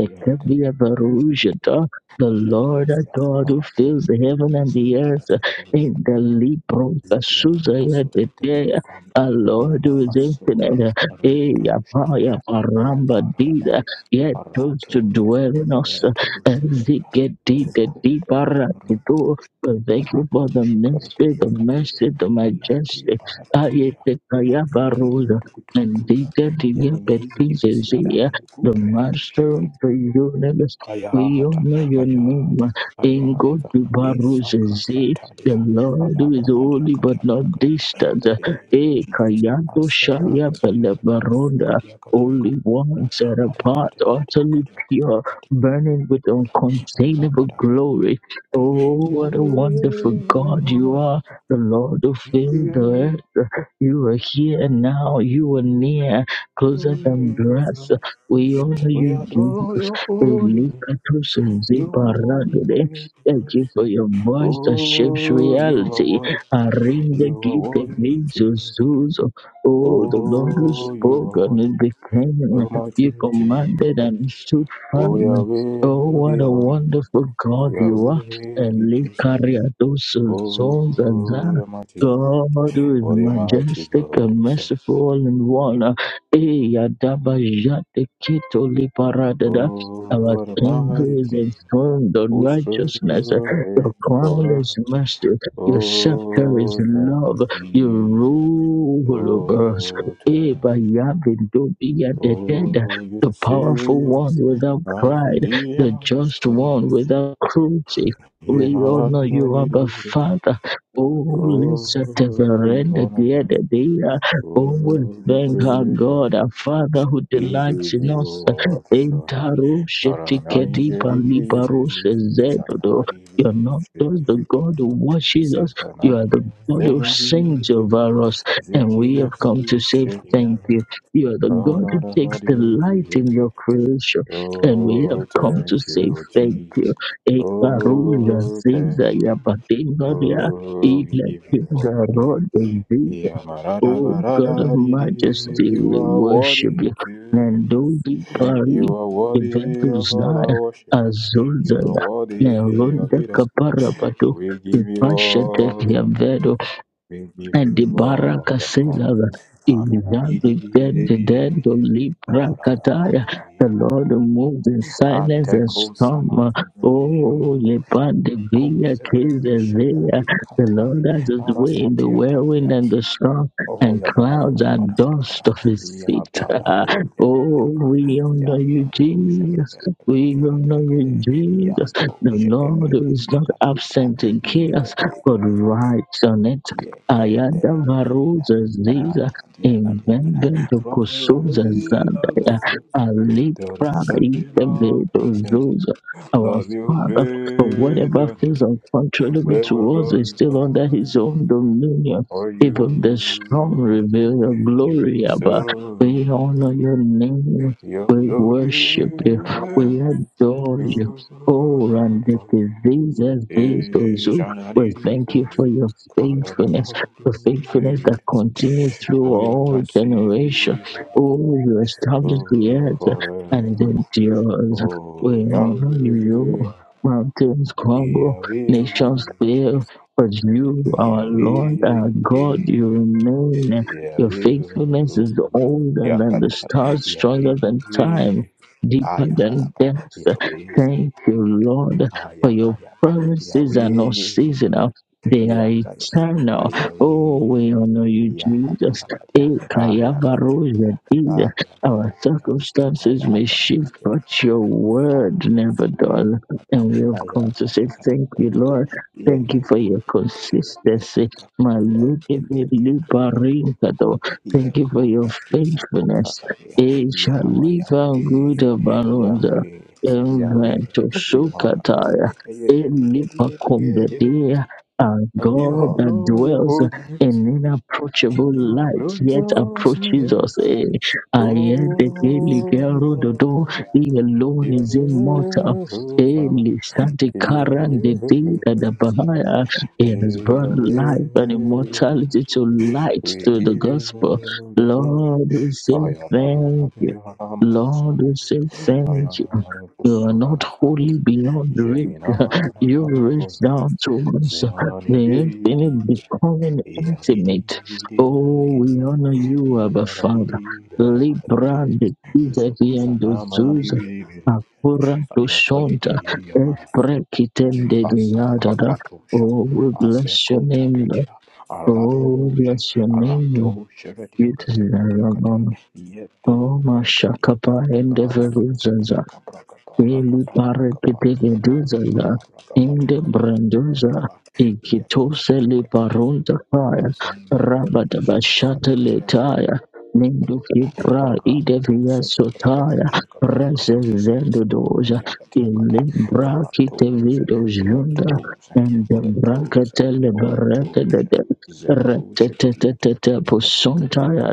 [SPEAKER 1] Ayabada these Gabriel
[SPEAKER 2] varujata. The Lord our
[SPEAKER 1] Rakosa
[SPEAKER 2] God who fills
[SPEAKER 1] Arados
[SPEAKER 2] the heaven and
[SPEAKER 1] is
[SPEAKER 2] the earth in
[SPEAKER 1] and
[SPEAKER 2] the libro
[SPEAKER 1] Legiona
[SPEAKER 2] kasuzaya
[SPEAKER 1] Takasura Turika
[SPEAKER 2] debea.
[SPEAKER 1] Pande
[SPEAKER 2] Our Lord who is
[SPEAKER 1] Inamahasura
[SPEAKER 2] infinite. Eh,
[SPEAKER 1] Retu
[SPEAKER 2] yapa, ya
[SPEAKER 1] Shibiria
[SPEAKER 2] ramba,
[SPEAKER 1] Ayatara
[SPEAKER 2] diza,
[SPEAKER 1] Badaria
[SPEAKER 2] yet chose to
[SPEAKER 1] Aratura
[SPEAKER 2] dwell in us
[SPEAKER 1] Retu Shibiria
[SPEAKER 2] Ziketi the
[SPEAKER 1] Rukunda
[SPEAKER 2] deeper to do.
[SPEAKER 1] Rakush
[SPEAKER 2] Thank you for the
[SPEAKER 1] Rakush
[SPEAKER 2] mercy,
[SPEAKER 1] Kurkadia
[SPEAKER 2] the
[SPEAKER 1] Kadelia
[SPEAKER 2] mercy, the
[SPEAKER 1] Alati
[SPEAKER 2] majesty.
[SPEAKER 1] Paratatia
[SPEAKER 2] Ayetaya
[SPEAKER 1] Yadi
[SPEAKER 2] Baruza. And
[SPEAKER 1] Hidibudukuduya
[SPEAKER 2] Diketi
[SPEAKER 1] Yani mehizi kibisiada
[SPEAKER 2] Petizia,
[SPEAKER 1] nuku
[SPEAKER 2] the
[SPEAKER 1] prehatisha
[SPEAKER 2] master of the universe. We
[SPEAKER 1] Ayata,
[SPEAKER 2] honor your name.
[SPEAKER 1] ayata,
[SPEAKER 2] In God
[SPEAKER 1] ayata. Isaka
[SPEAKER 2] Baruzzi, the
[SPEAKER 1] pratadia,
[SPEAKER 2] Lord
[SPEAKER 1] ala
[SPEAKER 2] who is
[SPEAKER 1] pratadia,
[SPEAKER 2] holy but
[SPEAKER 1] kadia, kadia,
[SPEAKER 2] not
[SPEAKER 1] kadia,
[SPEAKER 2] distant.
[SPEAKER 1] kadia.
[SPEAKER 2] E
[SPEAKER 1] In the name of Jesus.
[SPEAKER 2] Kayato
[SPEAKER 1] Answer
[SPEAKER 2] Shaya
[SPEAKER 1] barakadia, kadia, kadia,
[SPEAKER 2] Pelebaronda.
[SPEAKER 1] kadia, kadia,
[SPEAKER 2] Only
[SPEAKER 1] kadia.
[SPEAKER 2] one set
[SPEAKER 1] Ara
[SPEAKER 2] apart,
[SPEAKER 1] kadia, kadia,
[SPEAKER 2] utterly
[SPEAKER 1] kadia, kadia,
[SPEAKER 2] pure
[SPEAKER 1] kadia.
[SPEAKER 2] burning with
[SPEAKER 1] Ara
[SPEAKER 2] uncontainable
[SPEAKER 1] bada, bada.
[SPEAKER 2] glory. Oh, what a
[SPEAKER 1] Yahweh, we
[SPEAKER 2] wonderful God you
[SPEAKER 1] honor you.
[SPEAKER 2] are, the Lord who
[SPEAKER 1] We praise
[SPEAKER 2] filled
[SPEAKER 1] your
[SPEAKER 2] the earth. You are here now, you are near, closer than brass.
[SPEAKER 1] name.
[SPEAKER 2] We honor
[SPEAKER 1] We
[SPEAKER 2] you,
[SPEAKER 1] adore
[SPEAKER 2] Jesus.
[SPEAKER 1] your holy name.
[SPEAKER 2] Elikatus
[SPEAKER 1] You are worthy to
[SPEAKER 2] zibaragade.
[SPEAKER 1] be
[SPEAKER 2] Thank
[SPEAKER 1] praised.
[SPEAKER 2] you for your voice that shapes
[SPEAKER 1] Oh, you are
[SPEAKER 2] reality.
[SPEAKER 1] worthy.
[SPEAKER 2] Arinde
[SPEAKER 1] You are
[SPEAKER 2] gite
[SPEAKER 1] worthy too.
[SPEAKER 2] vizuzuzo. Oh, the Lord who
[SPEAKER 1] Oh, you
[SPEAKER 2] spoke
[SPEAKER 1] are
[SPEAKER 2] and
[SPEAKER 1] worthy,
[SPEAKER 2] it became.
[SPEAKER 1] you're mighty
[SPEAKER 2] You
[SPEAKER 1] to be.
[SPEAKER 2] commanded and stood
[SPEAKER 1] Oh,
[SPEAKER 2] time.
[SPEAKER 1] Yahweh,
[SPEAKER 2] Oh, what
[SPEAKER 1] we
[SPEAKER 2] a
[SPEAKER 1] honor
[SPEAKER 2] wonderful God
[SPEAKER 1] you.
[SPEAKER 2] you are.
[SPEAKER 1] Yahweh, we praise you.
[SPEAKER 2] Elikariados zonzaza.
[SPEAKER 1] Oh, the mighty,
[SPEAKER 2] God who is
[SPEAKER 1] oh, the mighty
[SPEAKER 2] majestic
[SPEAKER 1] God,
[SPEAKER 2] and
[SPEAKER 1] we say.
[SPEAKER 2] merciful and one. Eyadabajatekitoliparadada. Our
[SPEAKER 1] Oh, the
[SPEAKER 2] King
[SPEAKER 1] mighty
[SPEAKER 2] is
[SPEAKER 1] King,
[SPEAKER 2] enthroned on righteousness.
[SPEAKER 1] who
[SPEAKER 2] Your
[SPEAKER 1] reigns
[SPEAKER 2] crown
[SPEAKER 1] forever.
[SPEAKER 2] is mercy. Your scepter is
[SPEAKER 1] Oh, thank
[SPEAKER 2] love.
[SPEAKER 1] you,
[SPEAKER 2] You
[SPEAKER 1] Jesus.
[SPEAKER 2] rule over us.
[SPEAKER 1] Oh, thank you.
[SPEAKER 2] Eba yabidobiya
[SPEAKER 1] Oh, you the
[SPEAKER 2] the powerful
[SPEAKER 1] save
[SPEAKER 2] one
[SPEAKER 1] us.
[SPEAKER 2] without
[SPEAKER 1] I'm the
[SPEAKER 2] pride, the just
[SPEAKER 1] demons.
[SPEAKER 2] one without cruelty.
[SPEAKER 1] Yeah, my
[SPEAKER 2] We honor you, Abba
[SPEAKER 1] Lord,
[SPEAKER 2] Father. Oh,
[SPEAKER 1] Oh,
[SPEAKER 2] listen to the
[SPEAKER 1] we
[SPEAKER 2] end of
[SPEAKER 1] honor
[SPEAKER 2] the
[SPEAKER 1] you,
[SPEAKER 2] other
[SPEAKER 1] honor.
[SPEAKER 2] day.
[SPEAKER 1] Oh,
[SPEAKER 2] Oh, we
[SPEAKER 1] we
[SPEAKER 2] thank
[SPEAKER 1] praise
[SPEAKER 2] our
[SPEAKER 1] you.
[SPEAKER 2] God, our Father who
[SPEAKER 1] We give
[SPEAKER 2] delights in
[SPEAKER 1] you
[SPEAKER 2] us.
[SPEAKER 1] all the glory.
[SPEAKER 2] Entaro
[SPEAKER 1] Taranani
[SPEAKER 2] shetikediba
[SPEAKER 1] jeriki
[SPEAKER 2] libaro
[SPEAKER 1] zeri
[SPEAKER 2] sezedodo.
[SPEAKER 1] zanaradi
[SPEAKER 2] You're not
[SPEAKER 1] shiki
[SPEAKER 2] just the
[SPEAKER 1] shiki
[SPEAKER 2] God who watches us, you
[SPEAKER 1] zekanani
[SPEAKER 2] are the God who sings
[SPEAKER 1] lenyani
[SPEAKER 2] over us. And
[SPEAKER 1] ziki
[SPEAKER 2] we have come to
[SPEAKER 1] naturi
[SPEAKER 2] say
[SPEAKER 1] shiri
[SPEAKER 2] thank you. You are the God who takes
[SPEAKER 1] araramadi
[SPEAKER 2] delight in
[SPEAKER 1] jeni.
[SPEAKER 2] your creation. And we have
[SPEAKER 1] Oh,
[SPEAKER 2] come to
[SPEAKER 1] thank you,
[SPEAKER 2] say
[SPEAKER 1] Lord
[SPEAKER 2] thank
[SPEAKER 1] Jesus.
[SPEAKER 2] you. Ekaruza
[SPEAKER 1] Oh, thank
[SPEAKER 2] ziza
[SPEAKER 1] you.
[SPEAKER 2] ya badingaria,
[SPEAKER 1] Oh, we
[SPEAKER 2] ile
[SPEAKER 1] give you all the
[SPEAKER 2] kinga
[SPEAKER 1] glory.
[SPEAKER 2] rodo ziza. Oh God of
[SPEAKER 1] Yamaradabaradadidi,
[SPEAKER 2] majesty,
[SPEAKER 1] You
[SPEAKER 2] we
[SPEAKER 1] are
[SPEAKER 2] worship
[SPEAKER 1] worthy
[SPEAKER 2] you.
[SPEAKER 1] to be. praised.
[SPEAKER 2] Nandodi pari,
[SPEAKER 1] You are worthy of all
[SPEAKER 2] eventuzaya,
[SPEAKER 1] our worship. You are
[SPEAKER 2] azulzaya,
[SPEAKER 1] worthy of
[SPEAKER 2] nerunda
[SPEAKER 1] it. all.
[SPEAKER 2] kapara patu,
[SPEAKER 1] We give you
[SPEAKER 2] ipashete
[SPEAKER 1] all the glory. We give
[SPEAKER 2] and the
[SPEAKER 1] you all
[SPEAKER 2] baraka
[SPEAKER 1] the
[SPEAKER 2] says
[SPEAKER 1] honor.
[SPEAKER 2] that in that
[SPEAKER 1] Amanadidi,
[SPEAKER 2] return the dead
[SPEAKER 1] debidi,
[SPEAKER 2] to Libra Kataya.
[SPEAKER 1] yamaradabaridi.
[SPEAKER 2] The Lord moves in silence and
[SPEAKER 1] Ateko
[SPEAKER 2] storm. uh,
[SPEAKER 1] samata bredi
[SPEAKER 2] Oh,
[SPEAKER 1] shamanda.
[SPEAKER 2] Lepan the Via
[SPEAKER 1] Koze bredi
[SPEAKER 2] Kizazea.
[SPEAKER 1] shadali
[SPEAKER 2] The
[SPEAKER 1] katami.
[SPEAKER 2] Lord has his way in the
[SPEAKER 1] aratatia
[SPEAKER 2] whirlwind and the storm,
[SPEAKER 1] Oh,
[SPEAKER 2] and
[SPEAKER 1] yeah, da, ba, da, ba,
[SPEAKER 2] clouds
[SPEAKER 1] da,
[SPEAKER 2] are
[SPEAKER 1] ba, da, ba, da, ba,
[SPEAKER 2] dust of
[SPEAKER 1] da.
[SPEAKER 2] his
[SPEAKER 1] Yeah,
[SPEAKER 2] feet.
[SPEAKER 1] ba, ra, do, yeah, ba, yeah,
[SPEAKER 2] oh,
[SPEAKER 1] ba.
[SPEAKER 2] we
[SPEAKER 1] Yeah,
[SPEAKER 2] honor
[SPEAKER 1] ra,
[SPEAKER 2] you,
[SPEAKER 1] do, shake it,
[SPEAKER 2] Jesus.
[SPEAKER 1] back, back,
[SPEAKER 2] We
[SPEAKER 1] yeah, back, yeah,
[SPEAKER 2] honor
[SPEAKER 1] back,
[SPEAKER 2] you,
[SPEAKER 1] yeah. Yeah,
[SPEAKER 2] Jesus.
[SPEAKER 1] go,
[SPEAKER 2] The
[SPEAKER 1] shake it, back,
[SPEAKER 2] Lord
[SPEAKER 1] back,
[SPEAKER 2] is
[SPEAKER 1] yeah,
[SPEAKER 2] not
[SPEAKER 1] ga, da, ga, da.
[SPEAKER 2] absent in
[SPEAKER 1] Yeah, ga,
[SPEAKER 2] chaos,
[SPEAKER 1] yeah, ga,
[SPEAKER 2] but
[SPEAKER 1] yeah, ga, da.
[SPEAKER 2] rides on it.
[SPEAKER 1] Yeah, ga, da,
[SPEAKER 2] Ayanda
[SPEAKER 1] ra, ga, yeah, da.
[SPEAKER 2] Maruza
[SPEAKER 1] Ra,
[SPEAKER 2] Ziza
[SPEAKER 1] da, yeah, ga, yeah, ga, da.
[SPEAKER 2] Invengendo
[SPEAKER 1] From the
[SPEAKER 2] Kusuza
[SPEAKER 1] rising of the
[SPEAKER 2] Zandaya
[SPEAKER 1] sun to the
[SPEAKER 2] Alipra
[SPEAKER 1] setting of
[SPEAKER 2] Ikevedo
[SPEAKER 1] the same,
[SPEAKER 2] Zuza. Our
[SPEAKER 1] Lord, we will
[SPEAKER 2] Father, for
[SPEAKER 1] praise
[SPEAKER 2] whatever
[SPEAKER 1] your name.
[SPEAKER 2] feels uncontrollable
[SPEAKER 1] We will
[SPEAKER 2] to us is
[SPEAKER 1] glorify
[SPEAKER 2] still under His
[SPEAKER 1] you,
[SPEAKER 2] own dominion.
[SPEAKER 1] for
[SPEAKER 2] Even the
[SPEAKER 1] you
[SPEAKER 2] storm
[SPEAKER 1] are mine.
[SPEAKER 2] reveal your
[SPEAKER 1] You
[SPEAKER 2] glory,
[SPEAKER 1] are
[SPEAKER 2] Abba. We
[SPEAKER 1] so.
[SPEAKER 2] honor your name.
[SPEAKER 1] Your
[SPEAKER 2] We
[SPEAKER 1] glory
[SPEAKER 2] worship you.
[SPEAKER 1] be
[SPEAKER 2] We
[SPEAKER 1] there,
[SPEAKER 2] adore you.
[SPEAKER 1] you will
[SPEAKER 2] Oh, and
[SPEAKER 1] not
[SPEAKER 2] the
[SPEAKER 1] fail.
[SPEAKER 2] diseases, these, those
[SPEAKER 1] Eh, Shana
[SPEAKER 2] we
[SPEAKER 1] di di di
[SPEAKER 2] thank you
[SPEAKER 1] di,
[SPEAKER 2] for your
[SPEAKER 1] Kara da
[SPEAKER 2] faithfulness
[SPEAKER 1] ba
[SPEAKER 2] the
[SPEAKER 1] du di
[SPEAKER 2] faithfulness
[SPEAKER 1] di.
[SPEAKER 2] that continues through
[SPEAKER 1] For your
[SPEAKER 2] all generation.
[SPEAKER 1] mercy,
[SPEAKER 2] Oh, you establish the
[SPEAKER 1] oh,
[SPEAKER 2] earth
[SPEAKER 1] forever.
[SPEAKER 2] and it endures.
[SPEAKER 1] Oh,
[SPEAKER 2] We honor you.
[SPEAKER 1] Yahweh,
[SPEAKER 2] Mountains
[SPEAKER 1] Yahweh,
[SPEAKER 2] crumble,
[SPEAKER 1] Yahweh,
[SPEAKER 2] nations fail, but you, our Lord,
[SPEAKER 1] Yahweh,
[SPEAKER 2] our God, you remain. Your
[SPEAKER 1] Yahweh, Yahweh,
[SPEAKER 2] faithfulness is older than the stars,
[SPEAKER 1] Yahweh,
[SPEAKER 2] stronger than time,
[SPEAKER 1] Ah,
[SPEAKER 2] deeper
[SPEAKER 1] Yahweh,
[SPEAKER 2] than death.
[SPEAKER 1] Yahweh.
[SPEAKER 2] Thank you, Lord, for your
[SPEAKER 1] Ayakaya,
[SPEAKER 2] promises are not
[SPEAKER 1] Yahweh,
[SPEAKER 2] seasonal, they are
[SPEAKER 1] Yakaya,
[SPEAKER 2] eternal. Oh,
[SPEAKER 1] Yahweh,
[SPEAKER 2] we honor you,
[SPEAKER 1] yeah,
[SPEAKER 2] Jesus.
[SPEAKER 1] yeah, ah, yeah, got it,
[SPEAKER 2] Ikayavaroja, Jesus.
[SPEAKER 1] ah, yeah, got it,
[SPEAKER 2] Our
[SPEAKER 1] ah,
[SPEAKER 2] circumstances
[SPEAKER 1] yeah,
[SPEAKER 2] may
[SPEAKER 1] got it,
[SPEAKER 2] shift,
[SPEAKER 1] got it,
[SPEAKER 2] but your
[SPEAKER 1] ah,
[SPEAKER 2] word
[SPEAKER 1] got it,
[SPEAKER 2] never
[SPEAKER 1] got it,
[SPEAKER 2] does. And we have
[SPEAKER 1] ah, yeah, got
[SPEAKER 2] come
[SPEAKER 1] it,
[SPEAKER 2] to
[SPEAKER 1] got
[SPEAKER 2] say
[SPEAKER 1] it,
[SPEAKER 2] thank you,
[SPEAKER 1] got
[SPEAKER 2] Lord.
[SPEAKER 1] it, yeah,
[SPEAKER 2] Thank you
[SPEAKER 1] okay,
[SPEAKER 2] for
[SPEAKER 1] okay,
[SPEAKER 2] your
[SPEAKER 1] okay, yeah, okay,
[SPEAKER 2] consistency.
[SPEAKER 1] yeah, ah, ah, ah, Yahabahabadiya. Ayakadayakada. Ayakadakada. Ayakarakadayakada. Ayakarakadakada. yeah, Yekekekekeke. Yekeke. Yekekekekekekekoko.
[SPEAKER 2] Malukivilibarikado. Thank you for your faithfulness.
[SPEAKER 1] Yekokakikakokakabeya. Yahweh,
[SPEAKER 2] Eshaliva
[SPEAKER 1] Yahweh,
[SPEAKER 2] gudabarunda.
[SPEAKER 1] Yahweh, Yahweh, we honor you.
[SPEAKER 2] Enventosukataya.
[SPEAKER 1] yeah, yeah, yeah, yeah, yeah, yeah.
[SPEAKER 2] Elipakombedia. Our
[SPEAKER 1] We
[SPEAKER 2] God that
[SPEAKER 1] honor your
[SPEAKER 2] dwells
[SPEAKER 1] holy name.
[SPEAKER 2] an inapproachable
[SPEAKER 1] You are
[SPEAKER 2] light
[SPEAKER 1] glorious
[SPEAKER 2] yet
[SPEAKER 1] in
[SPEAKER 2] approaches
[SPEAKER 1] your
[SPEAKER 2] us. Eh, I hear the daily
[SPEAKER 1] Oh,
[SPEAKER 2] girl
[SPEAKER 1] you
[SPEAKER 2] oh,
[SPEAKER 1] are
[SPEAKER 2] the door.
[SPEAKER 1] glorious.
[SPEAKER 2] He alone is
[SPEAKER 1] Yahweh,
[SPEAKER 2] immortal. Eh,
[SPEAKER 1] Sama.
[SPEAKER 2] Lisa the current, the
[SPEAKER 1] Yahweh,
[SPEAKER 2] day that the
[SPEAKER 1] Sama.
[SPEAKER 2] Bahaya eh, has brought
[SPEAKER 1] Yahweh,
[SPEAKER 2] life and
[SPEAKER 1] Sama.
[SPEAKER 2] immortality to light
[SPEAKER 1] We
[SPEAKER 2] through the
[SPEAKER 1] give you all
[SPEAKER 2] gospel.
[SPEAKER 1] the glory.
[SPEAKER 2] Lord, we say thank you. Lord,
[SPEAKER 1] Ayadaradarabiramasune.
[SPEAKER 2] we say thank you. You are not
[SPEAKER 1] Ayadamarakusuranafani.
[SPEAKER 2] wholly beyond reach. You reach
[SPEAKER 1] Jeminamaranamalakulu.
[SPEAKER 2] down to us the infinite
[SPEAKER 1] Zemananibiridibi.
[SPEAKER 2] becoming intimate. Oh,
[SPEAKER 1] Iyadidididididi.
[SPEAKER 2] we honor you, Abba Father.
[SPEAKER 1] Iyadadididadadadi.
[SPEAKER 2] Libra de Kizaviando
[SPEAKER 1] Zokusalama
[SPEAKER 2] Zuza,
[SPEAKER 1] ribi
[SPEAKER 2] Akura Dushonta,
[SPEAKER 1] Ayapahidi Yamada
[SPEAKER 2] Esprekitende
[SPEAKER 1] Azaka
[SPEAKER 2] Liadada.
[SPEAKER 1] Pratosha
[SPEAKER 2] Oh, we bless your
[SPEAKER 1] Azeko
[SPEAKER 2] name. Lord.
[SPEAKER 1] Tapratia
[SPEAKER 2] Oh, we
[SPEAKER 1] Aradoja
[SPEAKER 2] bless your name. Lord.
[SPEAKER 1] Arado Sheretia
[SPEAKER 2] It is
[SPEAKER 1] Gadia Gadia Gadia
[SPEAKER 2] Rabban. Oh,
[SPEAKER 1] Yeto Paragadi
[SPEAKER 2] Mashakapa and
[SPEAKER 1] Baratabala
[SPEAKER 2] the Mili parekete duza la inde branduza
[SPEAKER 1] Yako
[SPEAKER 2] ikitose li
[SPEAKER 1] Tapratati
[SPEAKER 2] parunta fire
[SPEAKER 1] Azan Baradabi
[SPEAKER 2] rabata bashata
[SPEAKER 1] Shakata
[SPEAKER 2] letaya nindu kipra ide
[SPEAKER 1] Rapato
[SPEAKER 2] via
[SPEAKER 1] sega bragadi
[SPEAKER 2] sotaya
[SPEAKER 1] shaka brakato
[SPEAKER 2] reses
[SPEAKER 1] sega
[SPEAKER 2] zendo doja
[SPEAKER 1] adia adia
[SPEAKER 2] ili brakite
[SPEAKER 1] ratos
[SPEAKER 2] vido junda
[SPEAKER 1] ratos
[SPEAKER 2] ende
[SPEAKER 1] ratos
[SPEAKER 2] brakate le berete de de
[SPEAKER 1] ratos zeko shakati katia
[SPEAKER 2] retetetetete posuntaya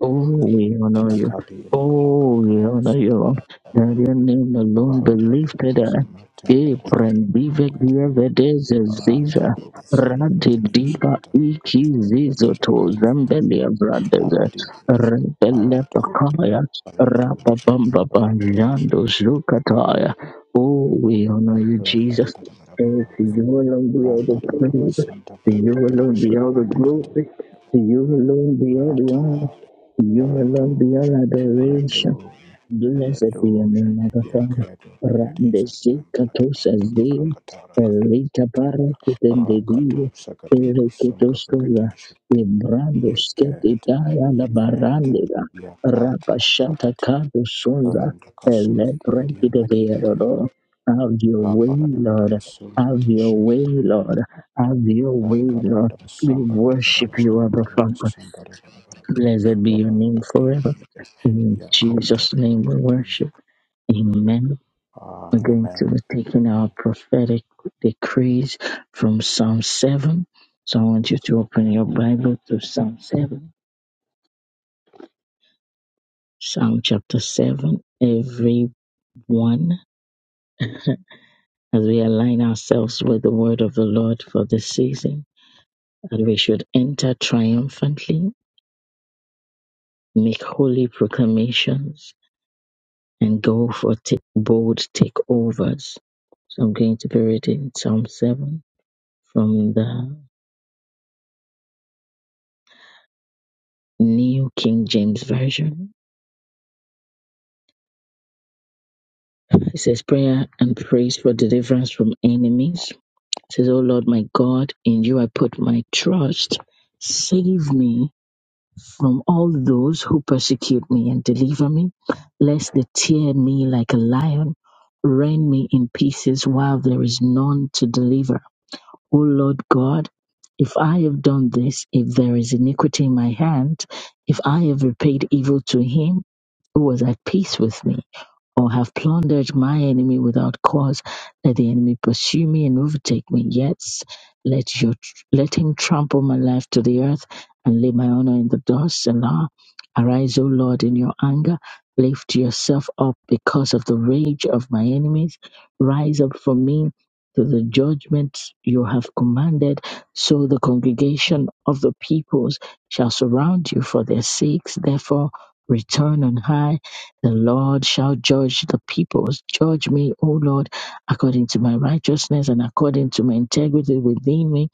[SPEAKER 2] oh we honor you
[SPEAKER 1] nakabi nakamba
[SPEAKER 2] oh we
[SPEAKER 1] kata
[SPEAKER 2] honor you
[SPEAKER 1] masaka
[SPEAKER 2] and your name alone be
[SPEAKER 1] rampa
[SPEAKER 2] lifted.
[SPEAKER 1] dokuza matanda rakati
[SPEAKER 2] Eprendive
[SPEAKER 1] rakati
[SPEAKER 2] dievedes
[SPEAKER 1] antu
[SPEAKER 2] ziza
[SPEAKER 1] sega
[SPEAKER 2] rade
[SPEAKER 1] bragadi
[SPEAKER 2] diva
[SPEAKER 1] shaka
[SPEAKER 2] iki
[SPEAKER 1] katia
[SPEAKER 2] zizo
[SPEAKER 1] katia katia
[SPEAKER 2] to zambelia brades rebele pakaya
[SPEAKER 1] Paradoja,
[SPEAKER 2] rababamba
[SPEAKER 1] paradoja,
[SPEAKER 2] banjando zukataya. Oh, we honor you,
[SPEAKER 1] randa da
[SPEAKER 2] Jesus.
[SPEAKER 1] da da da
[SPEAKER 2] And to you alone be
[SPEAKER 1] da
[SPEAKER 2] all
[SPEAKER 1] da da, randa
[SPEAKER 2] the
[SPEAKER 1] da da da
[SPEAKER 2] praise.
[SPEAKER 1] santa
[SPEAKER 2] To
[SPEAKER 1] da da
[SPEAKER 2] you
[SPEAKER 1] da da da,
[SPEAKER 2] alone be all the
[SPEAKER 1] shkaranda kanti,
[SPEAKER 2] glory. To you alone be all the honor.
[SPEAKER 1] rata,
[SPEAKER 2] To you alone be
[SPEAKER 1] paradoja,
[SPEAKER 2] all adoration.
[SPEAKER 1] paradoja,
[SPEAKER 2] Blessed be your
[SPEAKER 1] paradoja,
[SPEAKER 2] name, Abba Father.
[SPEAKER 1] yekedo ragadiza
[SPEAKER 2] Randesi
[SPEAKER 1] tambara da
[SPEAKER 2] katosha
[SPEAKER 1] panda
[SPEAKER 2] zia,
[SPEAKER 1] kuprakatara
[SPEAKER 2] elita para
[SPEAKER 1] katilia,
[SPEAKER 2] kitende
[SPEAKER 1] rakatu
[SPEAKER 2] dia,
[SPEAKER 1] sakati
[SPEAKER 2] ele
[SPEAKER 1] kusunga
[SPEAKER 2] kitosola,
[SPEAKER 1] prakadisha,
[SPEAKER 2] ibrando skete
[SPEAKER 1] yekete,
[SPEAKER 2] dala la barandega, rapashata kado sonza, ele brenkite beero. Have your
[SPEAKER 1] Ah, amen.
[SPEAKER 2] way,
[SPEAKER 1] Amen.
[SPEAKER 2] Lord. Have your way, Lord. Have your way, Lord. We worship you, Abba Father. Blessed be your name forever. In Jesus' name we worship. Amen. We're going to be taking our prophetic decrees from Psalm 7. So I want you to open your Bible to Psalm 7, Psalm chapter 7. Everyone, as we align ourselves with the word of the Lord for this season, that we should enter triumphantly, make holy proclamations, and go for t- bold takeovers. So I'm going to be reading Psalm 7 from the New King James Version. It says, Prayer and praise for deliverance from enemies. It says, "O Lord my God, in you I put my trust. Save me from all those who persecute me and deliver me, lest they tear me like a lion, rend me in pieces while there is none to deliver. O Lord God, if I have done this, if there is iniquity in my hand, if I have repaid evil to him who was at peace with me, or have plundered my enemy without cause. Let the enemy pursue me and overtake me. Yet let your let him trample my life to the earth and lay my honor in the dust. Selah. Arise, O Lord, in your anger. Lift yourself up because of the rage of my enemies. Rise up for me to the judgment you have commanded. So the congregation of the peoples shall surround you for their sakes. Therefore, return on high the Lord shall judge the peoples. Judge me, O Lord, according to my righteousness and according to my integrity within me.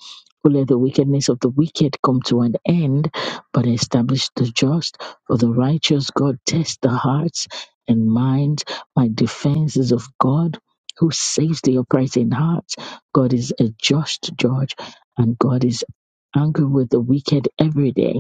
[SPEAKER 2] O let the wickedness of the wicked come to an end, but establish the just. For the righteous God tests the hearts and minds. My defense is of God, who saves the upright in heart. God is a just judge, and God is angry with the wicked every day.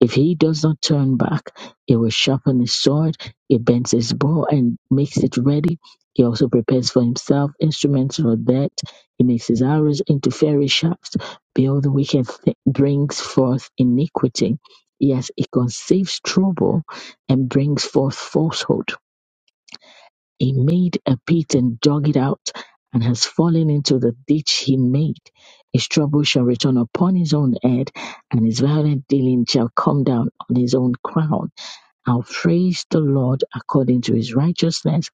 [SPEAKER 2] If he does not turn back, he will sharpen his sword, he bends his bow and makes it ready. He also prepares for himself instruments for that. He makes his arrows into fiery shafts. Behold, the wicked th- brings forth iniquity. Yes, he conceives trouble and brings forth falsehood. He made a pit and dug it out and has fallen into the ditch he made. His trouble shall return upon his own head, and his violent dealing shall come down on his own crown. I'll praise the Lord according to his righteousness,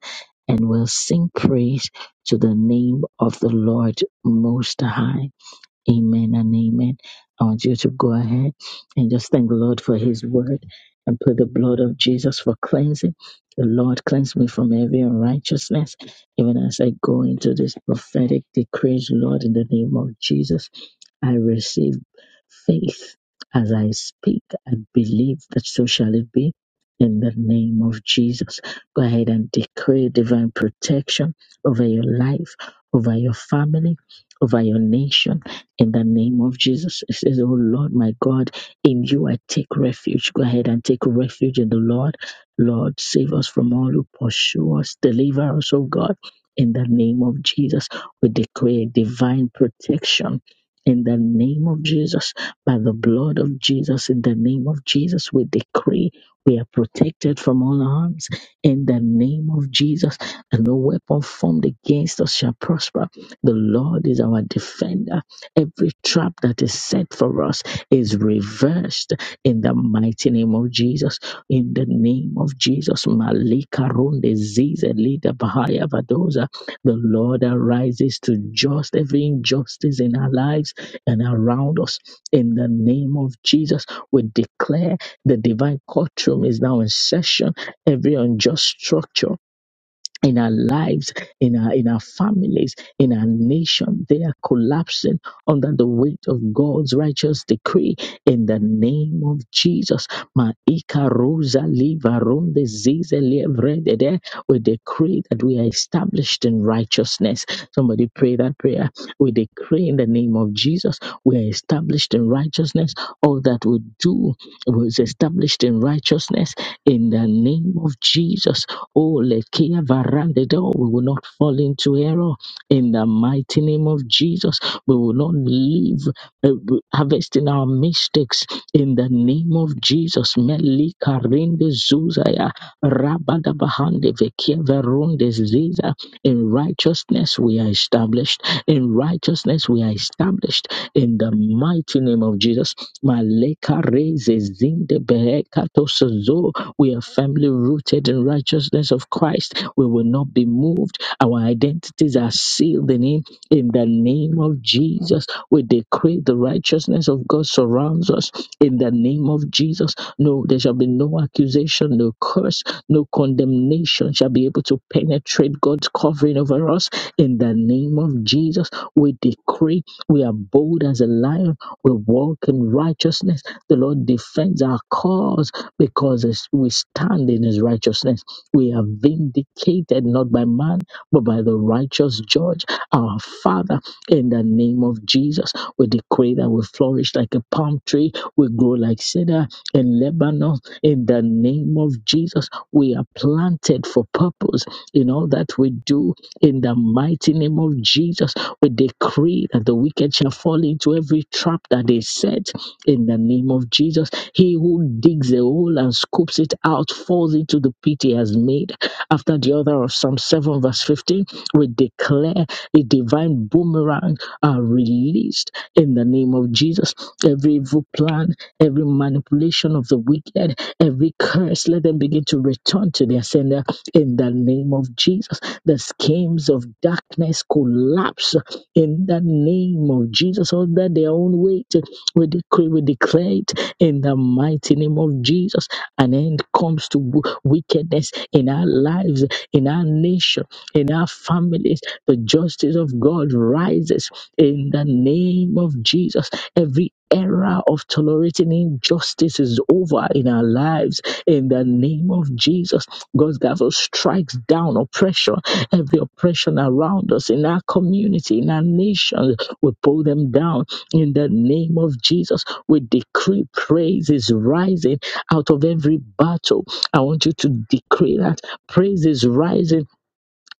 [SPEAKER 2] and will sing praise to the name of the Lord Most High. Amen and amen. I want you to go ahead and just thank the Lord for His word and put the blood of Jesus for cleansing. The Lord cleanse me from every unrighteousness, even as I go into this prophetic decrees, Lord, in the name of Jesus. I receive faith. As I speak, I believe that so shall it be in the name of Jesus. Go ahead and decree divine protection over your life, over your family, over your nation in the name of Jesus. It says, Oh Lord, my God, in you I take refuge. Go ahead and take refuge in the Lord. Lord, save us from all who pursue us. Deliver us, oh God. In the name of Jesus, we decree divine protection in the name of Jesus by the blood of Jesus, in the name of Jesus, we decree we are protected from all harms. In the name of Jesus, and no weapon formed against us shall prosper. The Lord is our defender. Every trap that is set for us is reversed in the mighty name of Jesus. In the name of Jesus, Malika Runde Zize Lida Bahaya Vadoza, the Lord arises to just every injustice in our lives and around us. In the name of Jesus, we declare the divine courtroom is now in session. Every unjust structure in our lives, in our in our families, in our nation. They are collapsing under the weight of God's righteous decree in the name of Jesus. Maika rosa liva ronde zize lievredede. We decree that we are established in righteousness. Somebody pray that prayer. We decree in the name of Jesus, we are established in righteousness. All that we do was established in righteousness in the name of Jesus. Oh, Lekia Varandedo, we will not fall into error in the mighty name of Jesus. We will not live uh, harvesting our mistakes in the name of Jesus. Melika Rinde Zuzaya, Rabadabahande Vekia Verunde Ziza. In righteousness we are established. In righteousness we are established in the mighty name of Jesus. Maleka Reze Zinde Bereka Tosozo we are firmly rooted in righteousness of Christ. We will not be moved. Our identities are sealed in Him. In the name of Jesus, we decree the righteousness of God surrounds us. In the name of Jesus, no, there shall be no accusation, no curse, no condemnation shall be able to penetrate God's covering over us. In the name of Jesus, we decree we are bold as a lion. We walk in righteousness. The Lord defends our cause because as we stand in his righteousness. We are vindicated not by man, but by the righteous judge, our Father, in the name of Jesus. We decree that we flourish like a palm tree, we grow like cedar in Lebanon, in the name of Jesus. We are planted for purpose in all that we do, in the mighty name of Jesus. We decree that the wicked shall fall into every trap that is set in the name of Jesus he who digs a hole and scoops it out falls into the pit he has made. After the author of Psalm 7, verse 15, we declare a divine boomerang are released in the name of Jesus. Every evil plan, every manipulation of the wicked, every curse, let them begin to return to their sender in the name of Jesus. The schemes of darkness collapse in the name of Jesus under their own weight. We decree, we declare it in the mighty name of Jesus. An end comes to w- wickedness in our lives, in our nation, in our families. The justice of God rises in the name of Jesus. Every era of tolerating injustice is over in our lives in the name of Jesus. God's gavel strikes down oppression, every oppression around us, in our community, in our nation. We pull them down in the name of Jesus. We decree praise is rising out of every battle. I want you to decree that praise is rising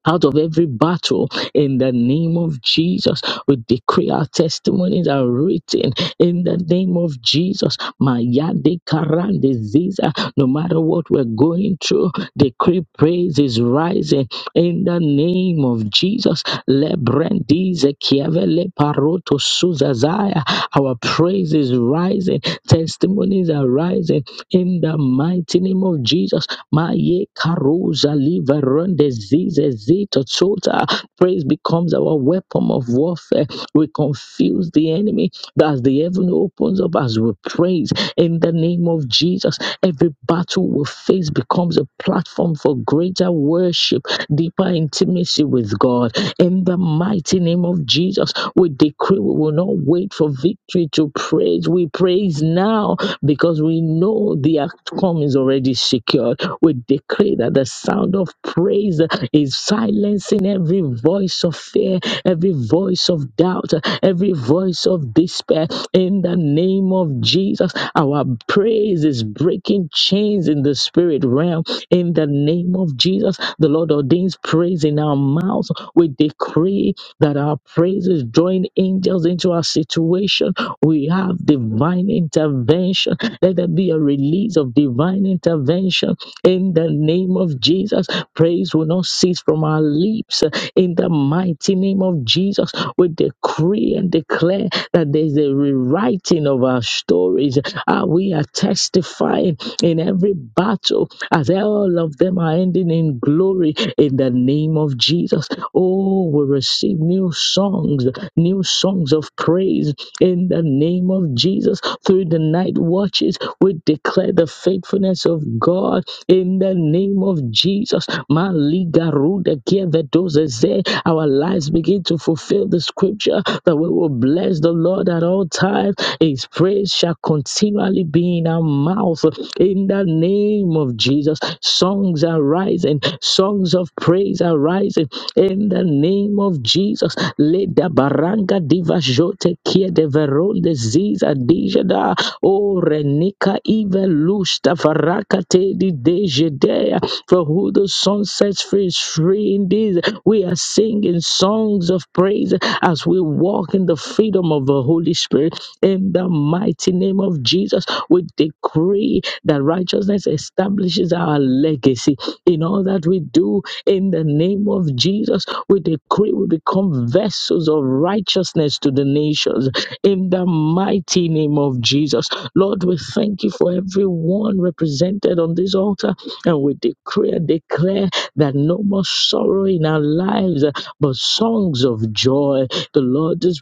[SPEAKER 2] out of every battle in the name of Jesus. We decree our testimonies are written in the name of Jesus. Maya de Karan disease, no matter what we're going through, decree praise is rising in the name of Jesus. Lebrendize kiavele paroto suzazaya. Our praise is rising, testimonies are rising in the mighty name of Jesus. Maye karuza liveronde zize zito chota. Praise becomes our weapon of warfare. We confuse the enemy as the heaven opens up as we praise in the name of Jesus. Every battle we face becomes a platform for greater worship, deeper intimacy with God. In the mighty name of Jesus, we decree we will not wait for victory to praise. We praise now because we know the outcome is already secured. We decree that the sound of praise is silencing every voice of fear, every voice of doubt, every voice of despair. In the name of Jesus, our praise is breaking chains in the spirit realm. In the name of Jesus, the Lord ordains praise in our mouths. We decree that our praises join angels into our situation. We have divine intervention. Let there be a release of divine intervention in the name of Jesus, praise will not cease from our lips. In the mighty name of Jesus, we decree and declare that there's a rewriting of our stories. Ah, we are testifying in every battle as all of them are ending in glory in the name of Jesus. Oh, we receive new songs, new songs of praise in the name of Jesus. Jesus. Through the night watches, we declare the faithfulness of God in the name of Jesus. Maligaruda kievedozeze. Our lives begin to fulfill the scripture that we will bless the Lord at all times. His praise shall continually be in our mouth in the name of Jesus. Songs are rising, songs of praise are rising in the name of Jesus. Jesus. Leda baranga diva jote kia de veronde ziza dijada. O renika ive lusta varaka te di dejedea. For who the sun sets free is free indeed. We are singing songs of praise as we walk in the freedom of the Holy Spirit. In the mighty name of Jesus, we decree that righteousness establishes our legacy in all that we do in the name of Jesus. We decree we become vessels of righteousness to the nations in the mighty name of Jesus. Lord, we thank you for everyone represented on this altar and we decree and declare that no more sorrow in our lives, but songs of joy. The Lord is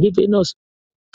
[SPEAKER 2] giving us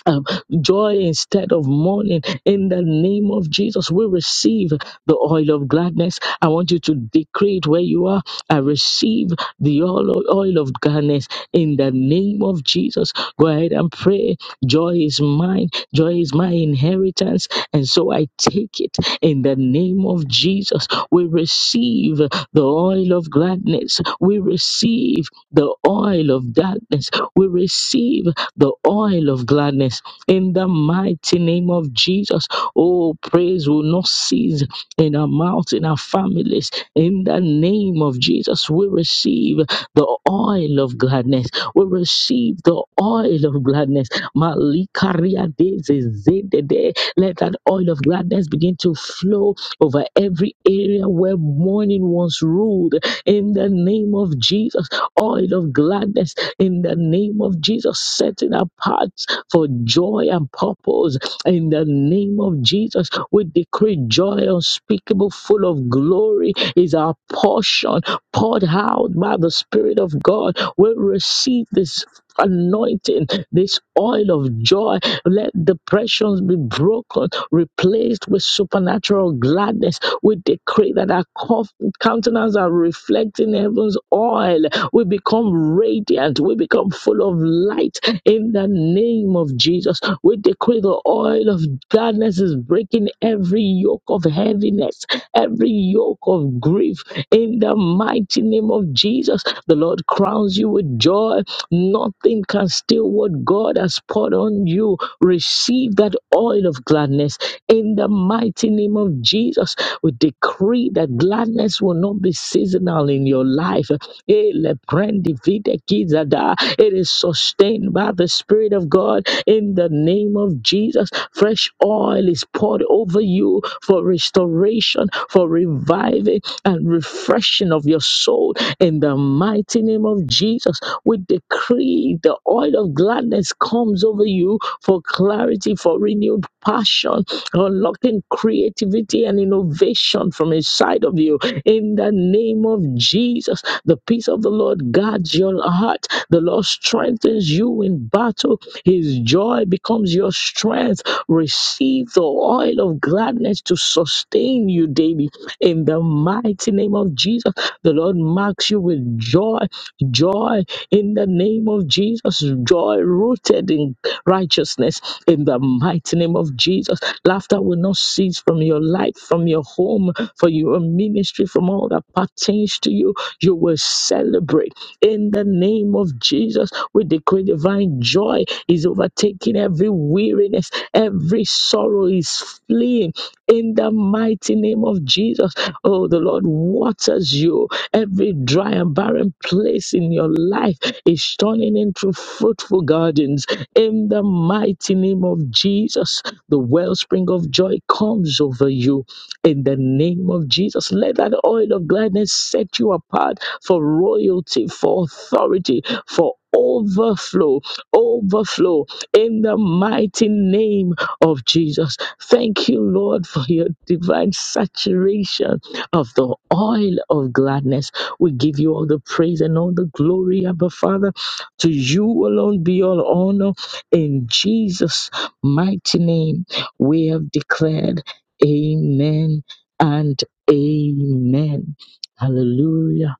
[SPEAKER 2] um, joy instead of mourning. In the name of Jesus, we receive the oil of gladness. I want you to decree it where you are. I receive the oil oil of gladness in the name of Jesus. Go ahead and pray. Joy is mine. Joy is my inheritance. And so I take it in the name of Jesus. We receive the oil of gladness. We receive the oil of darkness. We receive the oil of gladness in the mighty name of Jesus. Oh, praise will not cease in our mouths, in our families. In the name of Jesus, we receive the oil of gladness. We receive the oil of gladness. Malikaria deze zedede. Let that oil of gladness begin to flow over every area where mourning once ruled. In the name of Jesus, oil of gladness in the name of Jesus, setting apart for joy and purpose. In the name of Jesus, we decree joy unspeakable, full of glory, is our portion, poured out by the Spirit of God. We receive this anointing, this oil of joy. Let depressions be broken, replaced with supernatural gladness. We decree that our cof- countenance are reflecting heaven's oil we become radiant. We become full of light in the name of Jesus. We decree the oil of darkness is breaking every yoke of heaviness, every yoke of grief in the mighty name of Jesus. The Lord crowns you with joy. Nothing can steal what God has poured on you. Receive that oil of gladness in the mighty name of Jesus. We decree that gladness will not be seasonal seasonal in your life. Eh, leprendi vide kizada. It is sustained by the Spirit of God in the name of Jesus. Fresh oil is poured over you for restoration, for reviving and refreshing of your soul in the mighty name of Jesus. We decree the oil of gladness comes over you for clarity, for renewed passion, unlocking creativity and innovation from inside of you. In the name of Jesus, the peace of the Lord guards your heart. The Lord strengthens you in battle. His joy becomes your strength. Receive the oil of gladness to sustain you daily. In the mighty name of Jesus, the Lord marks you with joy, joy in the name of Jesus, joy rooted in righteousness in the mighty name of Jesus. Laughter will not cease from your life, from your home, for your ministry, from all that pertains to you. You will celebrate in the name of Jesus. We decree divine joy is overtaking every weariness, every sorrow is fleeing in the mighty name of Jesus. Oh, the Lord waters you. Every dry and barren place in your life is turning into fruitful gardens in the mighty name of Jesus, the wellspring of joy comes over you. In the name of Jesus, let that oil of gladness set you apart for royalty, for authority, for overflow, overflow in the mighty name of Jesus. Thank you, Lord, for your divine saturation of the oil of gladness. We give you all the praise and all the glory, Abba Father. To you alone be all honor in Jesus' mighty name, we have declared amen and amen. Hallelujah.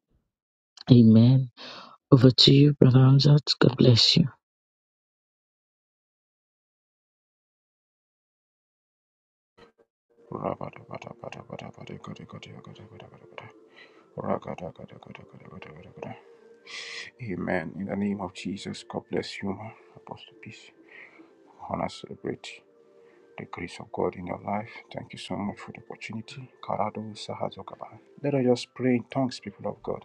[SPEAKER 2] Amen. Over to you, Brother Hamzat. God bless you.
[SPEAKER 1] Amen. In the name of Jesus, God bless you, Apostle Peace. Honor celebrate. the grace of God in your life. Thank you so much for the opportunity. Karado Sahazokaba. Let us just pray in tongues, people of God.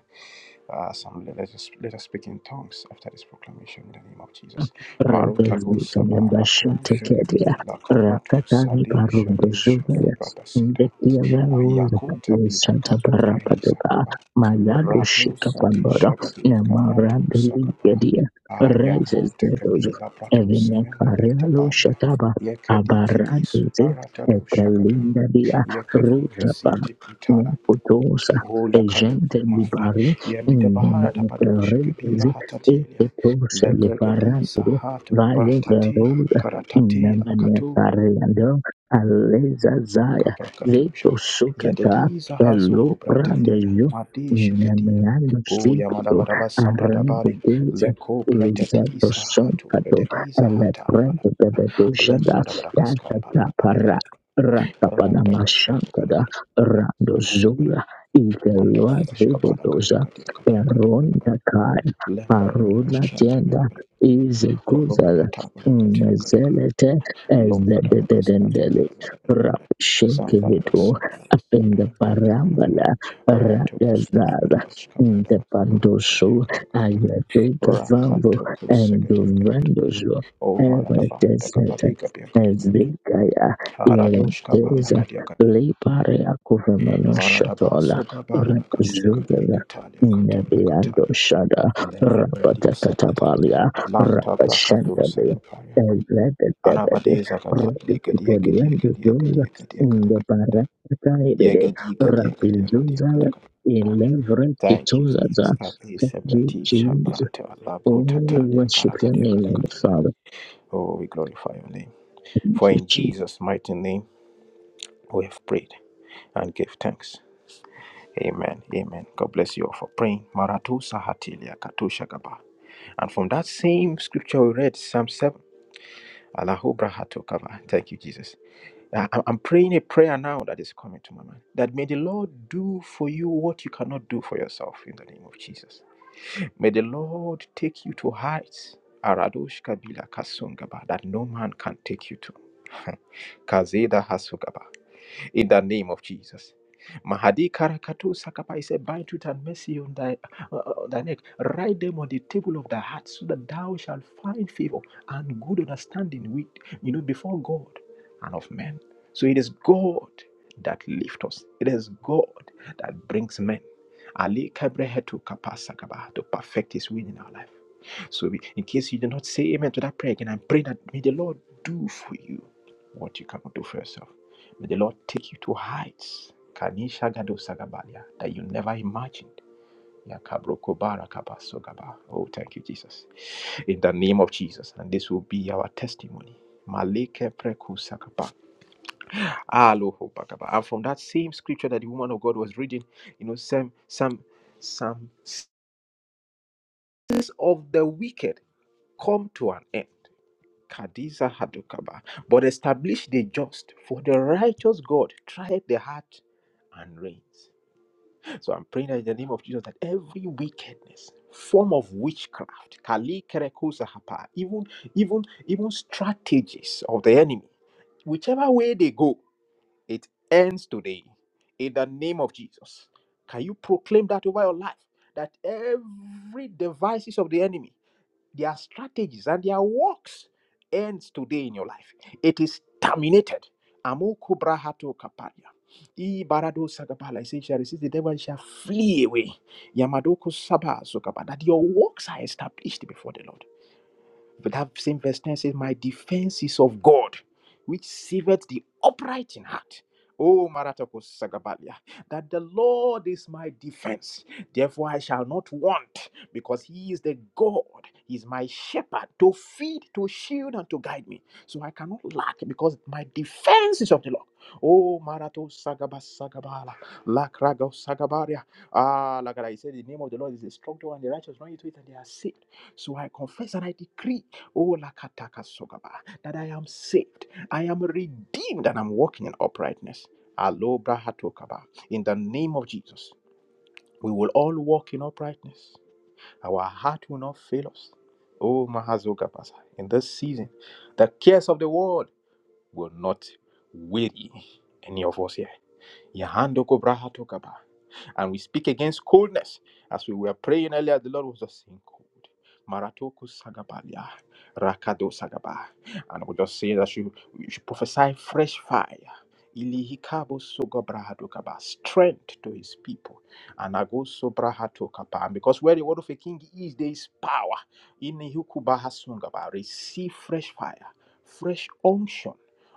[SPEAKER 1] Uh, some, let, us, let us speak in tongues after this proclamation in the name of Jesus. Marutago
[SPEAKER 2] Redevelta
[SPEAKER 1] Sabarato
[SPEAKER 2] Lembashante Kedia
[SPEAKER 1] Shegebi Lakabrato
[SPEAKER 2] Rakatani
[SPEAKER 1] Sade
[SPEAKER 2] Barundo
[SPEAKER 1] Shade Shado
[SPEAKER 2] Zuvaya
[SPEAKER 1] Bratasida.
[SPEAKER 2] Indekia Varuz
[SPEAKER 1] Ayakuta bila
[SPEAKER 2] Santa
[SPEAKER 1] kadu
[SPEAKER 2] Barapa
[SPEAKER 1] brehisa
[SPEAKER 2] Deba
[SPEAKER 1] kaba.
[SPEAKER 2] Malado
[SPEAKER 1] Rato
[SPEAKER 2] Shika
[SPEAKER 1] sadi
[SPEAKER 2] Pandora
[SPEAKER 1] shagadi
[SPEAKER 2] Namara
[SPEAKER 1] kabrato sakaba.
[SPEAKER 2] Delia Rezes
[SPEAKER 1] Ayakuta
[SPEAKER 2] Dedos
[SPEAKER 1] kabila brato
[SPEAKER 2] Evina
[SPEAKER 1] sananda birita
[SPEAKER 2] Carello
[SPEAKER 1] balia.
[SPEAKER 2] Shataba
[SPEAKER 1] Yakadi kibi
[SPEAKER 2] Abaradize
[SPEAKER 1] subaratado shagada.
[SPEAKER 2] Etelinda Dia
[SPEAKER 1] Yakadi
[SPEAKER 2] Ruzaba
[SPEAKER 1] kasiti pitana.
[SPEAKER 2] Nekutosa
[SPEAKER 1] Ola kadu
[SPEAKER 2] Egente
[SPEAKER 1] kumanda.
[SPEAKER 2] Libari
[SPEAKER 1] Yamida baharata bado shakabira
[SPEAKER 2] Nemeteredize
[SPEAKER 1] hatatilia.
[SPEAKER 2] Eketose
[SPEAKER 1] Legregadi
[SPEAKER 2] Libaran
[SPEAKER 1] sahatu
[SPEAKER 2] Valia
[SPEAKER 1] pratatila
[SPEAKER 2] Varosa
[SPEAKER 1] karatatila katu
[SPEAKER 2] Inamanetariando Aleza Zaya
[SPEAKER 1] kaprakatusha
[SPEAKER 2] Zeto Sukata
[SPEAKER 1] yedediza hazo
[SPEAKER 2] Pelopra de
[SPEAKER 1] gobratadina
[SPEAKER 2] Yo
[SPEAKER 1] madisha gedina
[SPEAKER 2] Inamanando
[SPEAKER 1] o
[SPEAKER 2] Zito
[SPEAKER 1] yamadabadaba
[SPEAKER 2] Aranda
[SPEAKER 1] sambradabali
[SPEAKER 2] Deza
[SPEAKER 1] leko
[SPEAKER 2] Izato
[SPEAKER 1] pretetisa hatu
[SPEAKER 2] Sonkato
[SPEAKER 1] pretetiza hata bala
[SPEAKER 2] Eleprendo de Dojada Yatata
[SPEAKER 1] lembradabadakaskambalabalabala
[SPEAKER 2] Para Ratapanamashakada
[SPEAKER 1] randakasundabala
[SPEAKER 2] Rando Zula
[SPEAKER 1] manda
[SPEAKER 2] Iveloa
[SPEAKER 1] bada bashka bada kadia
[SPEAKER 2] Zevedoza
[SPEAKER 1] kadia kadia kadia kadia bada
[SPEAKER 2] Peronda Kai
[SPEAKER 1] lembra da bada
[SPEAKER 2] Parula
[SPEAKER 1] bashanta bada bada
[SPEAKER 2] Izokuza
[SPEAKER 1] rumpa tabra kadia
[SPEAKER 2] zelete
[SPEAKER 1] Oh,
[SPEAKER 2] as the
[SPEAKER 1] Maradaba,
[SPEAKER 2] dedendele rapshinkividu up in the barambala ragazaza in the pandoshu ayaduka vango and the randoshu ever
[SPEAKER 1] the
[SPEAKER 2] desert
[SPEAKER 1] Gabadi Gabia
[SPEAKER 2] as
[SPEAKER 1] Gadagada,
[SPEAKER 2] the gaya in
[SPEAKER 1] Haradosh Kabara
[SPEAKER 2] the
[SPEAKER 1] Kadiaka,
[SPEAKER 2] liparia kuvemano
[SPEAKER 1] Maradaba,
[SPEAKER 2] shotola
[SPEAKER 1] Sugabara Katika
[SPEAKER 2] rapzudala
[SPEAKER 1] Katalia Katula
[SPEAKER 2] Nebiando
[SPEAKER 1] Katalia,
[SPEAKER 2] Shada
[SPEAKER 1] Lekebredi
[SPEAKER 2] Rabata
[SPEAKER 1] Sakatalia, Lanta Bracatu
[SPEAKER 2] Rapashandale,
[SPEAKER 1] Sakatalia.
[SPEAKER 2] Elegabade,
[SPEAKER 1] Arabade Zagada, Yegadi, Yegadi, Yegadi,
[SPEAKER 2] Rapidzola,
[SPEAKER 1] Yegadi, Yegadi,
[SPEAKER 2] in the
[SPEAKER 1] Yegadi,
[SPEAKER 2] Barakaide,
[SPEAKER 1] Yegadi, Yegadi, Yegadi, Yegadi,
[SPEAKER 2] Rapidzola,
[SPEAKER 1] Yegadi,
[SPEAKER 2] in
[SPEAKER 1] Yegadi. Thank you, Jesus.
[SPEAKER 2] Levretizoza,
[SPEAKER 1] Happy
[SPEAKER 2] you,
[SPEAKER 1] Sebrati
[SPEAKER 2] Jesus.
[SPEAKER 1] Shabrata
[SPEAKER 2] Oh,
[SPEAKER 1] Labro
[SPEAKER 2] we
[SPEAKER 1] Tatalia
[SPEAKER 2] worship your
[SPEAKER 1] Karagadi
[SPEAKER 2] name, Abba
[SPEAKER 1] Kadakada.
[SPEAKER 2] Father.
[SPEAKER 1] Oh, we glorify your name.
[SPEAKER 2] Thank
[SPEAKER 1] For
[SPEAKER 2] you,
[SPEAKER 1] in
[SPEAKER 2] Jesus.
[SPEAKER 1] Jesus' mighty name we have prayed and give thanks. Amen. Amen. God bless you all for praying. Maratu Sahatilia Katusha Gaba. And from that same scripture we read, Psalm 7. Allahu Brahatu Kaba. Thank you, Jesus. I- I- I'm praying a prayer now that is coming to my mind. That may the Lord do for you what you cannot do for yourself in the name of Jesus. May the Lord take you to heights Aradosh Kabila Kasungaba that no man can take you to. Kazeda in the name of Jesus. Mahadi Karakatu Sakapa, he said, Bind truth and mercy on thy, uh, on thy neck. Write them on the table of thy heart, so that thou shalt find favor and good understanding with, you know, before God and of men. So it is God that lifts us. It is God that brings men. Ali Kabrehetu Kapasakaba to perfect his will in our life. So, we- in case you did not say amen to that prayer again, I pray that may the Lord do for you what you cannot do for yourself. May the Lord take you to heights Kanisha Gado Sagabalia, that you never imagined. Yakabroko Barakaba Sogaba. Oh, thank you, Jesus. In the name of Jesus. And this will be our testimony. Maleke preku sakapa. Aloho bakaba. And from that same scripture that the woman of God was reading, you know, some some some sins of the wicked come to an end. Kadiza Hadokaba. But establish the just, for the righteous God trieth the heart and reigns. So I'm praying that in the name of Jesus that every wickedness, form of witchcraft, Kali Kerekosa Hapa, even even even strategies of the enemy, whichever way they go, it ends today. In the name of Jesus. Can you proclaim that over your life? That every devices of the enemy their strategies and their works ends today in your life. It is terminated. Amoko brahato kaparia. I barado sagabala. I say, shall resist the devil and shall flee away. Yamadoko sabazo kabala. That your works are established before the Lord. But that same verse 10 says, My defense is of God, which saveth the upright in heart. Oh, Maratako Sagabalia, that the Lord is my defense. Therefore, I shall not want, because He is the God. He is my shepherd to feed, to shield, and to guide me. So I cannot lack, because my defense is of the Lord. Oh, Marato Sagabas Sagabala, Lakrago Sagabaria. Ah, like I said, the name of the Lord is a strong tower, and the righteous run into it, and they are saved. So I confess and I decree Oh, lakataka sogaba, that I am saved, I am redeemed, and I'm walking in uprightness. Alobra hatokaba. In the name of Jesus, we will all walk in uprightness. Our heart will not fail us. Oh, Mahazogabasa, in this season, the cares of the world will not weary any of us here. Yahandoko brahatokaba. And we speak against coldness. As we were praying earlier, the Lord was just saying cold. Maratoku sagabalia, rakado sagaba. And we just say that you, you should prophesy fresh fire. Ilihikabo sogobrahadokaba, Strength to his people. And ago sobrahatokapa. And because where the word of a king is, there is power. Inihukubahasungaba, Receive fresh fire, fresh unction.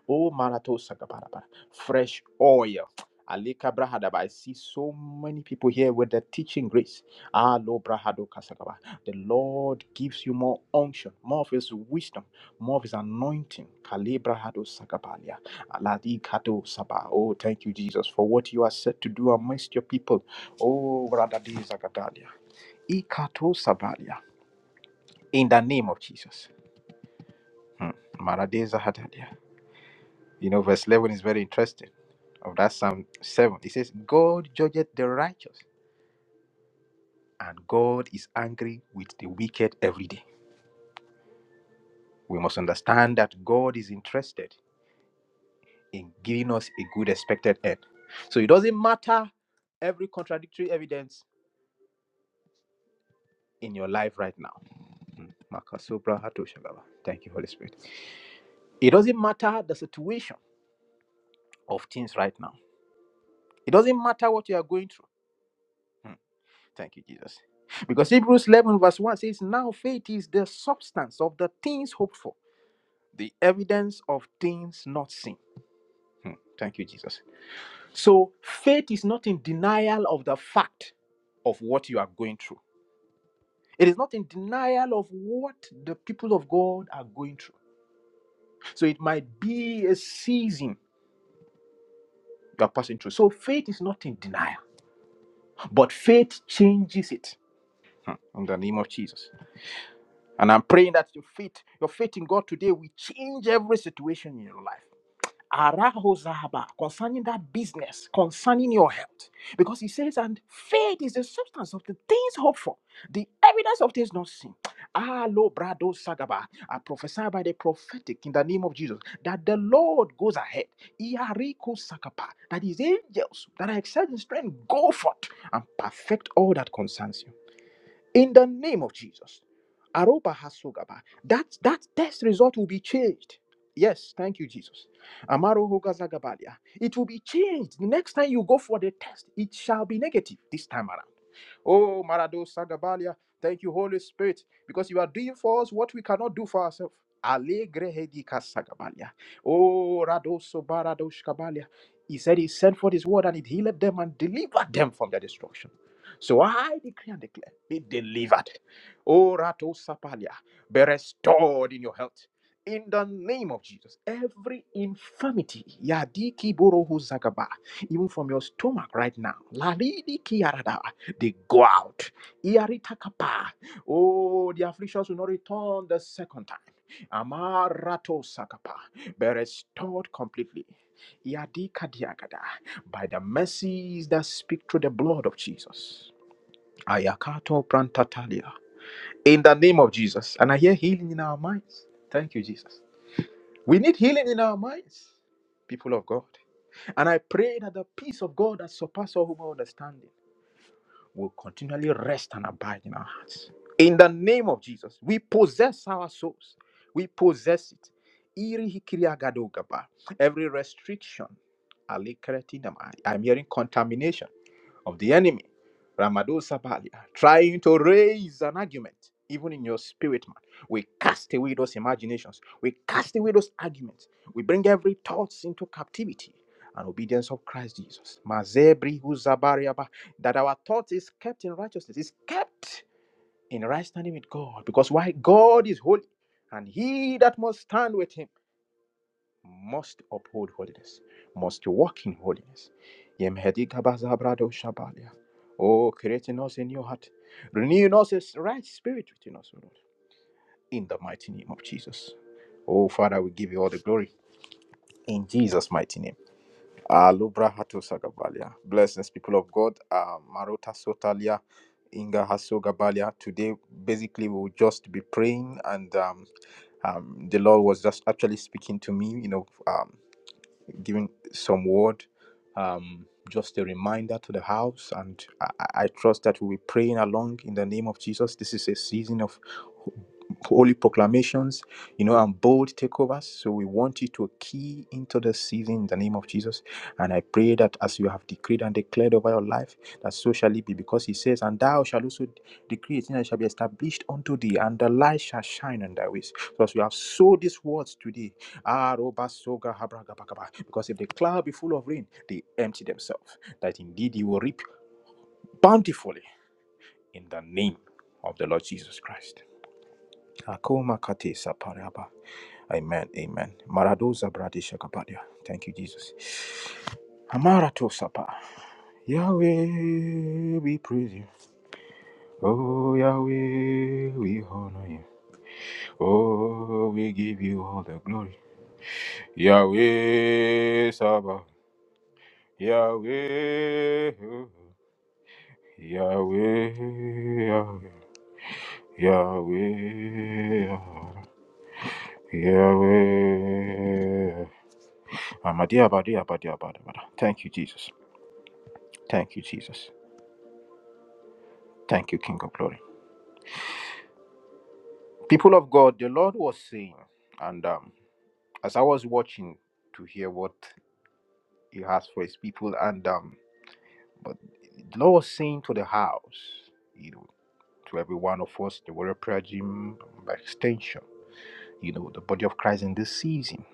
[SPEAKER 1] Oh, Marato Sagabarabara, fresh oil. Alika Brahadaba. I see so many people here with the teaching grace. Alo Brahado kasagaba. The Lord gives you more unction, more of his wisdom, more of his anointing. Kale Brahado Sakabalia. Aladi Kato Saba. Oh, thank you, Jesus, for what you are set to do amongst your people. Oh, Bradadi Zagadalia. Ikato Sabalia. In the name of Jesus. Hmm. Marade Zahadalia. You know, verse 11 is very interesting of that Psalm 7. It says, God judgeth the righteous. and God is angry with the wicked every day. We must understand that God is interested in giving us a good expected end. So it doesn't matter every contradictory evidence in your life right now. Mm. Makasobra hato Thank you, Holy Spirit. It doesn't matter the situation of things right now. It doesn't matter what you are going through. Mm. Thank you, Jesus. Because Hebrews 11, verse 1 says, Now faith is the substance of the things hoped for, the evidence of things not seen. Hmm. Thank you, Jesus. So faith is not in denial of the fact of what you are going through. It is not in denial of what the people of God are going through. So it might be a season you are passing through. So faith is not in denial, but faith changes it. Hmm. In the name of Jesus. And I'm praying that your faith, your faith in God today will change every situation in your life. Arahozaba, concerning that business, concerning your health. Because he says, and faith is the substance of the things hoped for, the evidence of things not seen. Alo brado sagaba. I prophesy by the prophetic in the name of Jesus that the Lord goes ahead. Iariko sakapa, That his angels that are excellent in strength go forth and perfect all that concerns you in the name of Jesus. Aroba hasugaba. That that test result will be changed. Yes, thank you, Jesus. Amaro hogazagabalia. It will be changed. The next time you go for the test, it shall be negative this time around. Oh, Marado Sagabalia, thank you, Holy Spirit, because you are doing for us what we cannot do for ourselves. Alegre Hedika Sagabalia. Oh, Rado Baradosh Kabalia, He said he sent forth his word and it healed them and delivered them from their destruction. So I decree and declare, be delivered. Oh, Rato Sapalia, be restored in your health. In the name of Jesus, every infirmity, Yadiki Borohu Zagaba, even from your stomach right now, Lalidi Kiarada, they go out. Iaritakapa. Oh, the afflictions will not return the second time. Amarato sakapa. Be restored completely. Iadika diagada By the mercies that speak through the blood of Jesus. Ayakato prantatalia. In the name of Jesus. And I hear healing in our minds. Thank you, Jesus. We need healing in our minds, people of God. And I pray that the peace of God that surpasses all human understanding will continually rest and abide in our hearts. In the name of Jesus, we possess our souls. We possess it. Every restriction, I'm hearing contamination of the enemy, Ramado Sabalia, trying to raise an argument, even in your spirit, man. We cast away those imaginations. We cast away those arguments. We bring every thoughts into captivity and obedience of Christ Jesus. Mazebri huzabariaba, That our thought is kept in righteousness, is kept in right standing with God. Because why? God is holy, and he that must stand with him must uphold holiness, must walk in holiness. Yem hedi gabazabrado shabalia. Oh, create in us a new heart, renew in us a right spirit within us, O Lord, in the mighty name of Jesus. Oh, Father, we give you all the glory in Jesus' mighty name. Alubra hatu sagabalia. Blessings, people of God. Uh, Marota sotalia, Inga haso gabalia. Today, basically, we will just be praying, and um, um, the Lord was just actually speaking to me, you know, um, giving some word, um, just a reminder to the house. And I, I trust that we'll be praying along in the name of Jesus. This is a season of holy proclamations, you know, and bold takeovers. So we want you to key into the season in the name of Jesus. And I pray that as you have decreed and declared over your life, that so shall it be. Because he says, And thou shalt also decree a thing and it shall be established unto thee, and the light shall shine on thy ways. So as we have sowed these words today, Ah, Because if the cloud be full of rain, they empty themselves, that indeed you will reap bountifully in the name of the Lord Jesus Christ. Amen, amen. Maradoza bradi shakapadia. Thank you, Jesus. Amarato sapa. Yahweh, we praise you. Oh, Yahweh, we honor you. Oh, we give you all the glory. Yahweh, Sabbath. Yahweh, Yahweh, Yahweh, Yahweh. Amadiya, Abadiya, Abadiya, Abadiya, Abadiya. Thank you, Jesus. Thank you, Jesus. Thank you, King of Glory. People of God, the Lord was saying, and um, as I was watching to hear what He has for His people, and um, but the Lord was saying to the house, you know, to every one of us, the Warrior Prayer Gym, by extension. you know, the body of Christ in this season.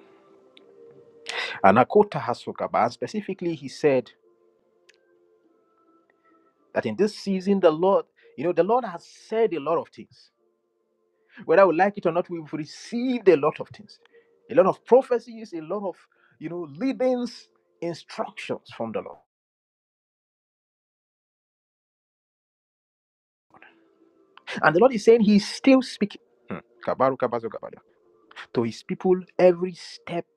[SPEAKER 1] And Akota Hasokaba, specifically, he said that in this season, the Lord, you know, the Lord has said a lot of things. Whether we like it or not, we've received a lot of things, a lot of prophecies, a lot of, you know, leadings, instructions from the Lord. And the Lord is saying he's still speaking Hmm. Kabaru kabazo kabada. to his people every step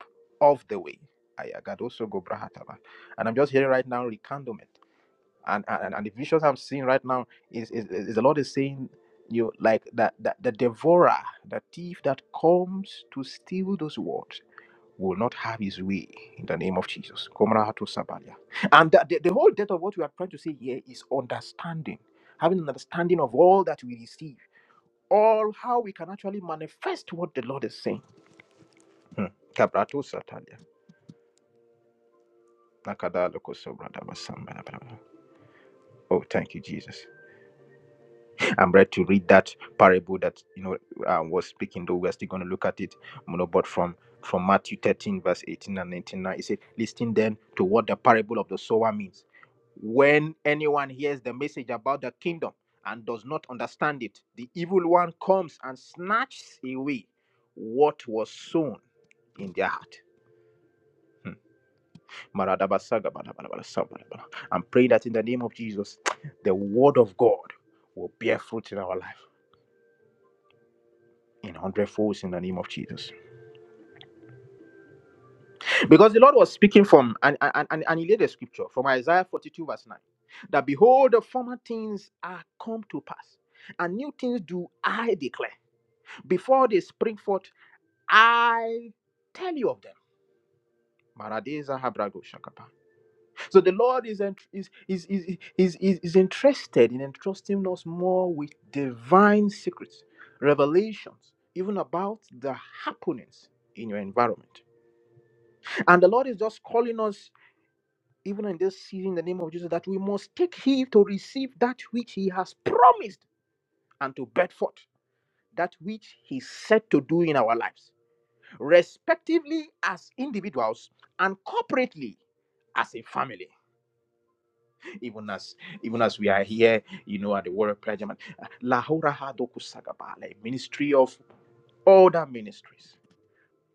[SPEAKER 1] of the way. Ayagadoso gobrahataba. And I'm just hearing right now, recandlement. and and, and the visions i'm seeing right now is, is is the lord is saying you like that, that the devourer the thief that comes to steal those words will not have his way in the name of jesus Komrahato sabalia. and the, the, the whole depth of what we are trying to say here is understanding having an understanding of all that we receive all how we can actually manifest what the lord is saying Hmm. Kabrato satalia. Nakadaloko sobradaba sambadabadaba. oh thank you jesus I'm ready to read that parable that you know I was speaking. Though we're still going to look at it, you know, but from from Matthew 13 verse 18 and 19. Now it said, "Listen then to what the parable of the sower means. When anyone hears the message about the kingdom and does not understand it, the evil one comes and snatches away what was sown in their heart." Hmm. Maradabasagabalabalabalabala. I'm praying that in the name of Jesus, the word of God will bear fruit in our life in hundredfolds in the name of Jesus. Because the Lord was speaking from, and, and, and, and he laid a scripture from Isaiah 42, verse 9, that behold, the former things are come to pass, and new things do I declare. Before they spring forth, I tell you of them. Maradeza habrago shakapa. So the Lord is, ent- is, is, is, is, is, is interested in entrusting us more with divine secrets, revelations, even about the happenings in your environment And the Lord is just calling us, even in this season, in the name of Jesus, that we must take heed to receive that which He has promised and to bed forth that which He said to do in our lives, respectively as individuals and corporately as a family. Even as even as we are here, you know, at the World Prayer Jam, uh, Lahora Hadoku Sagabale, ministry of other ministries.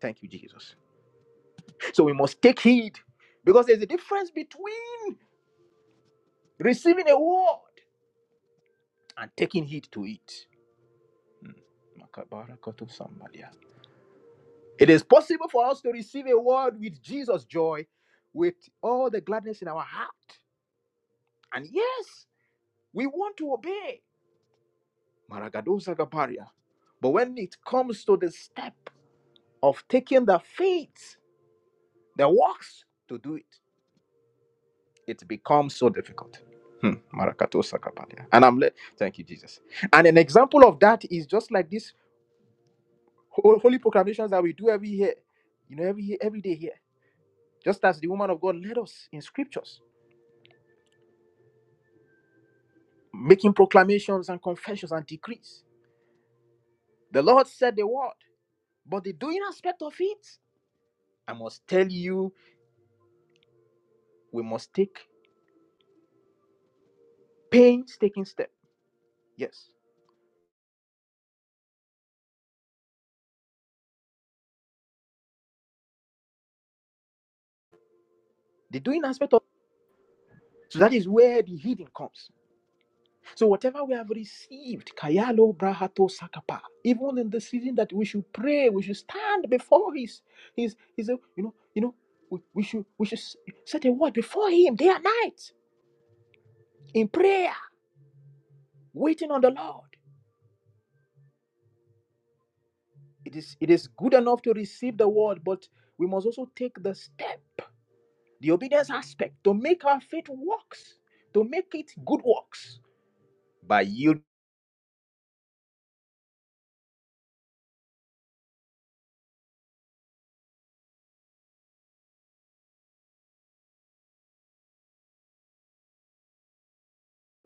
[SPEAKER 1] Thank you, Jesus. So we must take heed because there's a difference between receiving a word and taking heed to it. Mm. It is possible for us to receive a word with Jesus' joy, with all the gladness in our heart. And yes, we want to obey. But when it comes to the step of taking the faith, the works to do it, it becomes so difficult. Hmm. And I'm le- thank you, Jesus. And an example of that is just like this ho- holy proclamations that we do every year, you know, every year, every day here. Just as the woman of God led us in scriptures, making proclamations and confessions and decrees. The Lord said the word, but the doing aspect of it, I must tell you, we must take painstaking step. Yes, the doing aspect of so that is where the healing comes. So whatever we have received, Kayalo Brahato Sakapa, even in the season that we should pray, we should stand before his his his uh, you know, you know, we, we should we should s- set a word before him day and night in prayer, waiting on the Lord. It is it is good enough to receive the word, but we must also take the step, the obedience aspect, to make our faith works, to make it good works by yielding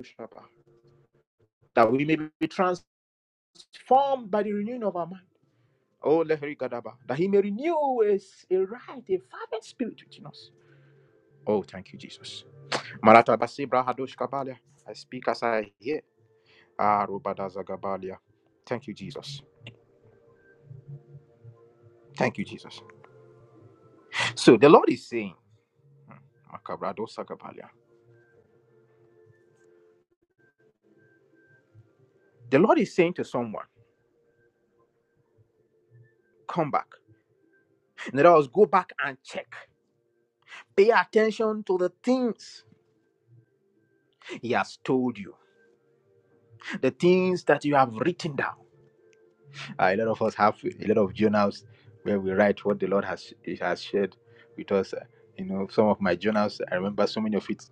[SPEAKER 1] to Shabbat, that we may be transformed by the renewing of our mind Oh, Leheri Gadaba that he may renew a, s- a right, a fervent spirit within us. Oh, thank you, Jesus. Marata Maratabasi brahadosh kabalia. I speak as I hear. Ah, Robadaza gabalia. Thank you, Jesus. Thank you, Jesus. So the Lord is saying, Makabradosa gabalia. The Lord is saying to someone, come back. In other words, go back and check. Pay attention to the things He has told you, the things that you have written down. Uh, a lot of us have a lot of journals where we write what the Lord has has shared with us. Uh, you know, some of my journals, I remember so many of it,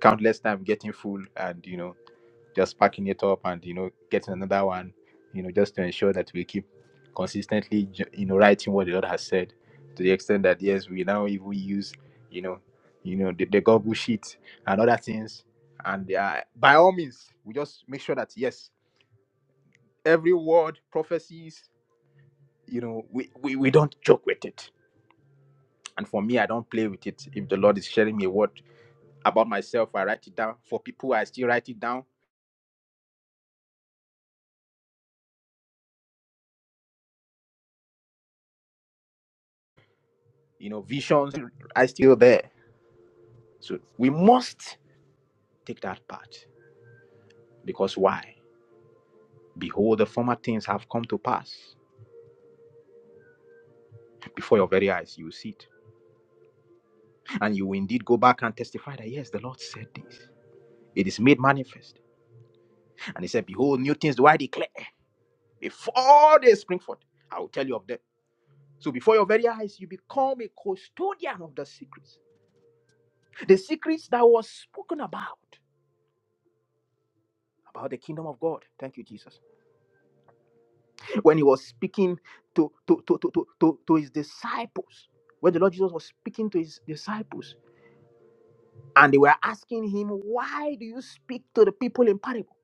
[SPEAKER 1] countless time getting full and you know just packing it up and you know getting another one. You know, just to ensure that we keep consistently ju- you know writing what the Lord has said to the extent that yes, we now even use you know you know the, the Google sheet and other things. And uh, by all means, we just make sure that yes, every word prophecies you know we, we we don't joke with it and for me i don't play with it if the lord is sharing me a word about myself i write it down for people i still write it down you know visions i still there so we must take that part because why behold the former things have come to pass before your very eyes you will see it and you will indeed go back and testify that yes the lord said this it is made manifest and he said behold new things do i declare before they spring forth i will tell you of them So before your very eyes, you become a custodian of the secrets. The secrets that was spoken about, about the kingdom of God. Thank you, Jesus. When he was speaking to, to, to, to, to, to, to his disciples, when the Lord Jesus was speaking to his disciples, and they were asking him, Why do you speak to the people in parable?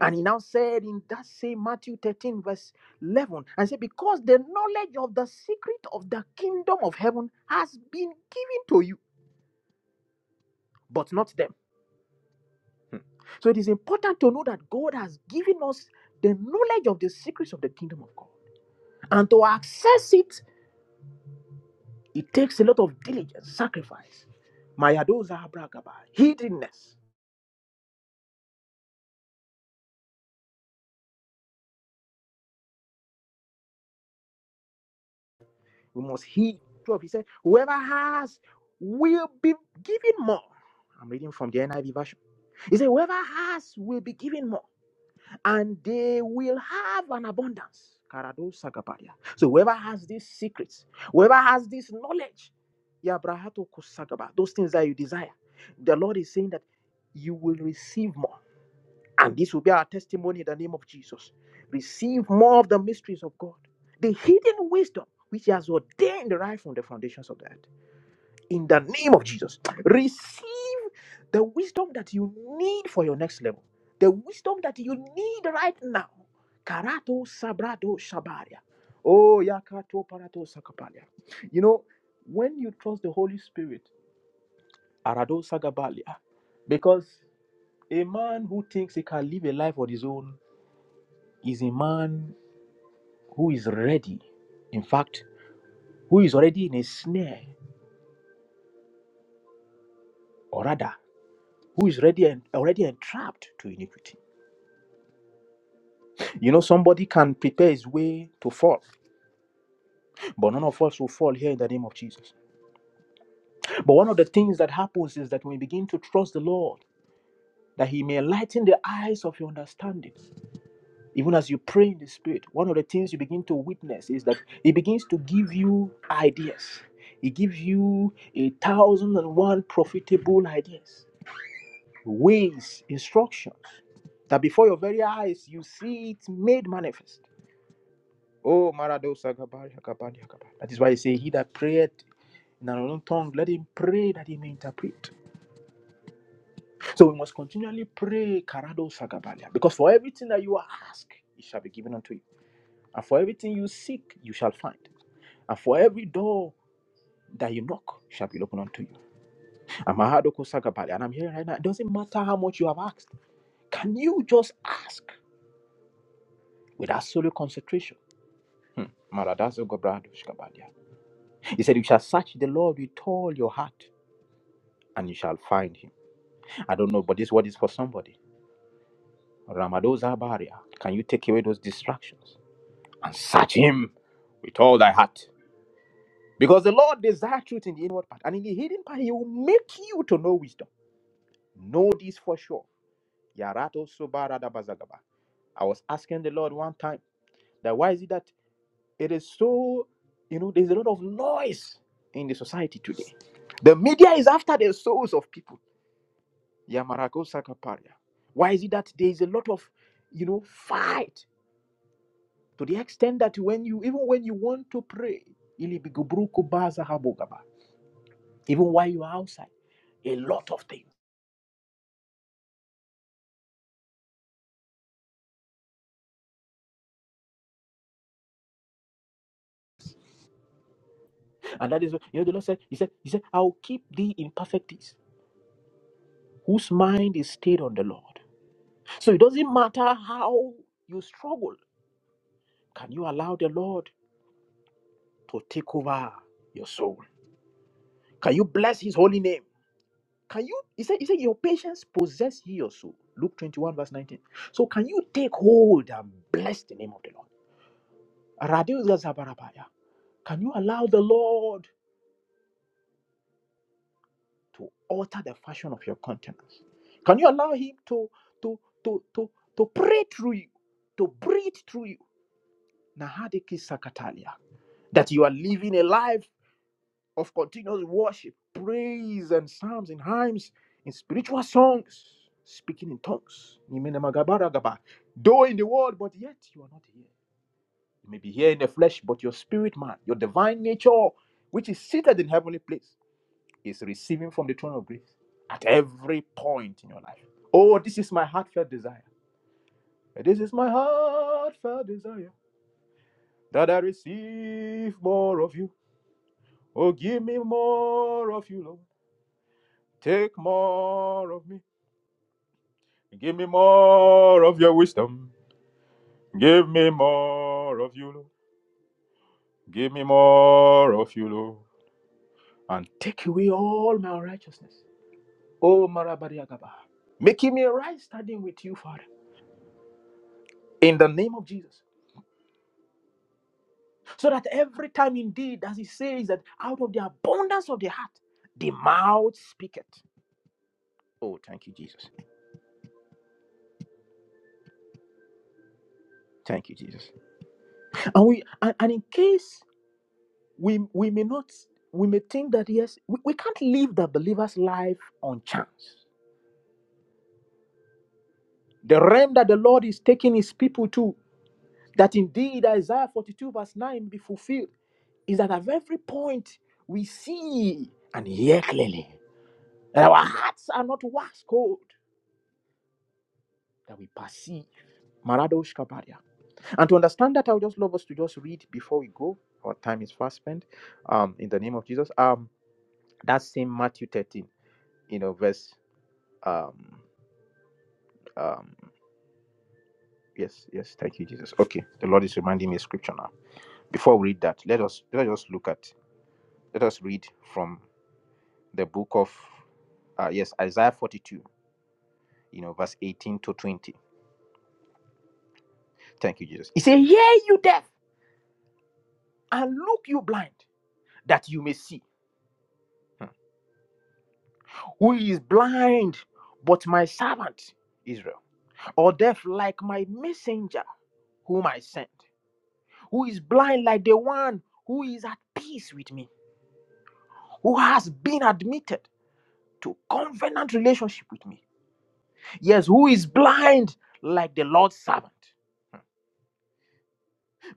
[SPEAKER 1] And he now said in that same Matthew 13, verse 11, and said, Because the knowledge of the secret of the kingdom of heaven has been given to you, but not them. Hmm. So it is important to know that God has given us the knowledge of the secrets of the kingdom of God. And to access it, it takes a lot of diligence, sacrifice. Mayadoza bragaba, hiddenness. We must heed. 12, he said, Whoever has will be given more. I'm reading from the NIV version. He said, Whoever has will be given more. and they will have an abundance. So whoever has these secrets, whoever has this knowledge, those things that you desire, the Lord is saying that you will receive more. And this will be our testimony in the name of Jesus. Receive more of the mysteries of God, the hidden wisdom which He has ordained right from the foundations of the earth in the name of Jesus. Receive the wisdom that you need for your next level, the wisdom that you need right now. Karato sabrado shabaria. Oh, yakato parato sakapalia. You know, when you trust the Holy Spirit, arado sagabalia, because a man who thinks he can live a life on his own is a man who is ready. In fact, who is already in a snare, or rather, who is ready and already entrapped to iniquity. You know, somebody can prepare his way to fall, but none of us will fall here in the name of Jesus. But one of the things that happens is that when we begin to trust the Lord, that He may enlighten the eyes of your understanding, even as you pray in the Spirit, one of the things you begin to witness is that He begins to give you ideas. He gives you a thousand and one profitable ideas, ways, instruction that before your very eyes you see it made manifest. Oh, Maradosa Gabari Gabari Gabari. That is why you say, He that prayeth in an unknown tongue, let him pray that he may interpret. So we must continually pray, Karado Sagabalia, because for everything that you ask, it shall be given unto you. And for everything you seek, you shall find. And for every door that you knock, shall be opened unto you. And Mahadoko Sagabalia, and I'm here right now. It doesn't matter how much you have asked. Can you just ask with absolute concentration? Hmm. Maradazo Gobrado Shkabalia. He said, You shall search the Lord with all your heart, and you shall find him. I don't know, but this word is for somebody. Ramadoza Baria, can you take away those distractions and search him with all thy heart? Because the Lord desires truth in the inward part, and in the hidden part, he will make you to know wisdom. Know this for sure. Yarato Subara Dabazagaba. I was asking the Lord one time that why is it that it is so, you know, there's a lot of noise in the society today. The media is after the souls of people. Yamarago Sakaparia. Why is it that there is a lot of, you know, fight to the extent that when you even when you want to pray ilibiguburuku baza habogaba, even while you are outside a lot of things and that is what you know the lord said he said he said i'll keep thee in perfect peace whose mind is stayed on the lord so it doesn't matter how you struggle can you allow the lord to take over your soul can you bless his holy name can you he said he said your patience possess ye your soul luke 21 verse 19 so can you take hold and bless the name of the lord Radius Zabarabaya. Can you allow the Lord to alter the fashion of your countenance? Can you allow Him to to to to to pray through you, to breathe through you? Nahadiki Sakatalia. That you are living a life of continuous worship, praise, and psalms and hymns, in spiritual songs, speaking in tonga's. Nimene magabara gaba. Though in the world, but yet you are not here. You may be here in the flesh, but your spirit man, your divine nature, which is seated in heavenly place, is receiving from the throne of grace at every point in your life. Oh, this is my heartfelt desire. This is my heartfelt desire that I receive more of you. Oh, give me more of you, Lord. Take more of me. Give me more of your wisdom. Give me more of you, Lord. Give me more of you, Lord. And take away all my unrighteousness. Oh, Marabariagaba. Making me right standing with you, Father, in the name of Jesus. So that every time, indeed, as he says, that out of the abundance of the heart, the mouth speaketh. Oh, thank you, Jesus. Thank you, Jesus. And we and, and in case we we may not we may think that yes, we, we can't live the believer's life on chance. The realm that the Lord is taking his people to, that indeed Isaiah 42, verse 9 be fulfilled. is that at every point we see and hear clearly that our hearts are not wax cold that we perceive Maradosh Kabaria and to understand that i would just love us to just read before we go our time is fast spent um in the name of jesus um that same matthew 13 you know verse um um yes yes thank you jesus okay the lord is reminding me of scripture now before we read that let us let us look at let us read from the book of uh, yes isaiah 42 you know, verse 18 to 20. Thank you, Jesus. He said, "Hear you deaf, and look, you blind, that you may see. Hmm. Who is blind but my servant, Israel? Or deaf like my messenger, whom I sent? Who is blind like the one who is at peace with me? Who has been admitted to covenant relationship with me? Yes, who is blind like the Lord's servant?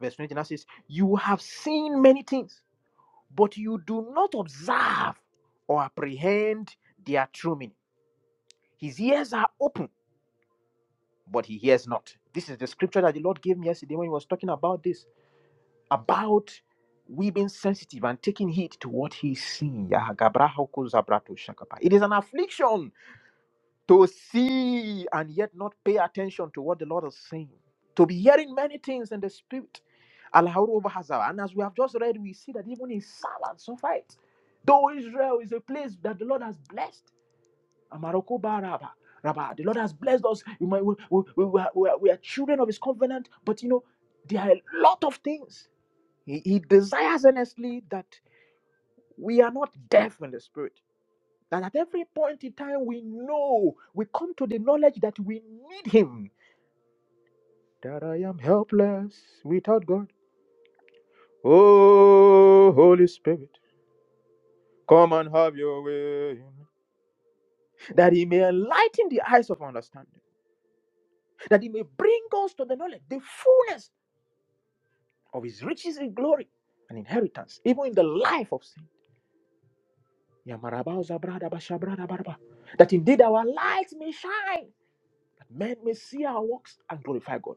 [SPEAKER 1] Verse 20 now says, You have seen many things but you do not observe or apprehend their true meaning. His ears are open, but he hears not. This is the scripture that the Lord gave me yesterday when he was talking about this, about we being sensitive and taking heed to what he's seeing. It is an affliction to see and yet not pay attention to what the Lord is saying, to be hearing many things in the spirit. Al-Haruba Hazara. And as we have just read, we see that even in silence of it, though Israel is a place that the Lord has blessed, Amaroko Baraba. Rabba, Rabba, the Lord has blessed us. We, might, we, we, we, we are, we are we are children of His covenant, but you know, there are a lot of things. He, he desires earnestly that we are not deaf in the spirit and at every point in time, we know, we come to the knowledge that we need Him. That I am helpless without God. Oh, Holy Spirit, come and have your way. That He may enlighten the eyes of understanding, that He may bring us to the knowledge, the fullness of His riches in glory and inheritance, even in the life of sin. Yamarabao zabradaba shabradabaraba. That indeed our lights may shine, that men may see our works and glorify God.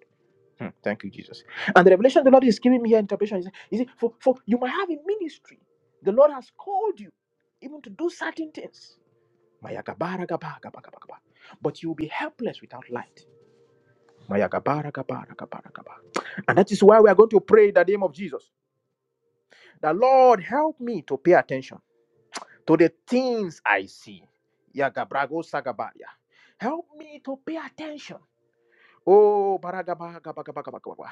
[SPEAKER 1] Hmm, Thank you, Jesus. And the revelation the Lord is giving me here, interpretation is, is it, for, for you might have a ministry. The Lord has called you even to do certain things. Maya gabara gaba gaba gaba gaba. But you will be helpless without light. Maya gabara gabara gabara gaba. And that is why we are going to pray in the name of Jesus. The Lord help me to pay attention to the things I see. Ya gabrago sagabaria. Help me to pay attention Oh, baragaba, gaba, gaba, gaba, gaba, gaba.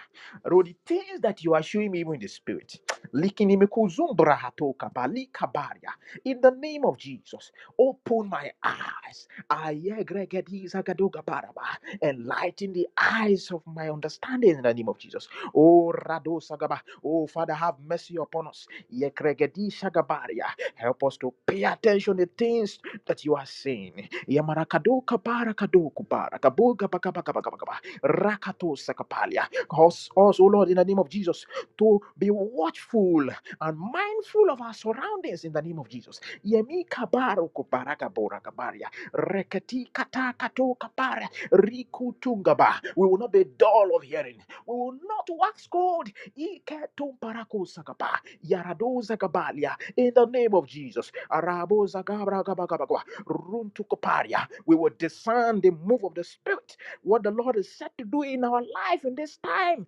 [SPEAKER 1] Lord, the things that you are showing me even in the spirit. Likinimikuzumbra hatoka, balikabaria. In the name of Jesus, open my eyes. Ayegregedi zagadoga baraba. Enlighten the eyes of my understanding in the name of Jesus. Oh, Rado Sagaba. Oh, Father, have mercy upon us. Yegregedi shagabaria. Help us to pay attention to the things that you are saying. Yamarakadoka barakadoku barakaboga bakabakabakabakaba. Rakato Sakapalia. Cause us, oh Lord, in the name of Jesus, to be watchful and mindful of our surroundings in the name of Jesus. Yemi kabaro baraka boraka baria. Reketi kata kato kapara. Riku tungaba. We will not be dull of hearing. We will not wax cold. Ike tumparako sakapa. Yarado zakabalia. In the name of Jesus. Arabo zagabra gabagabagwa. Runtu kaparia. We will discern the move of the Spirit what the Lord is set to do in our life in this time.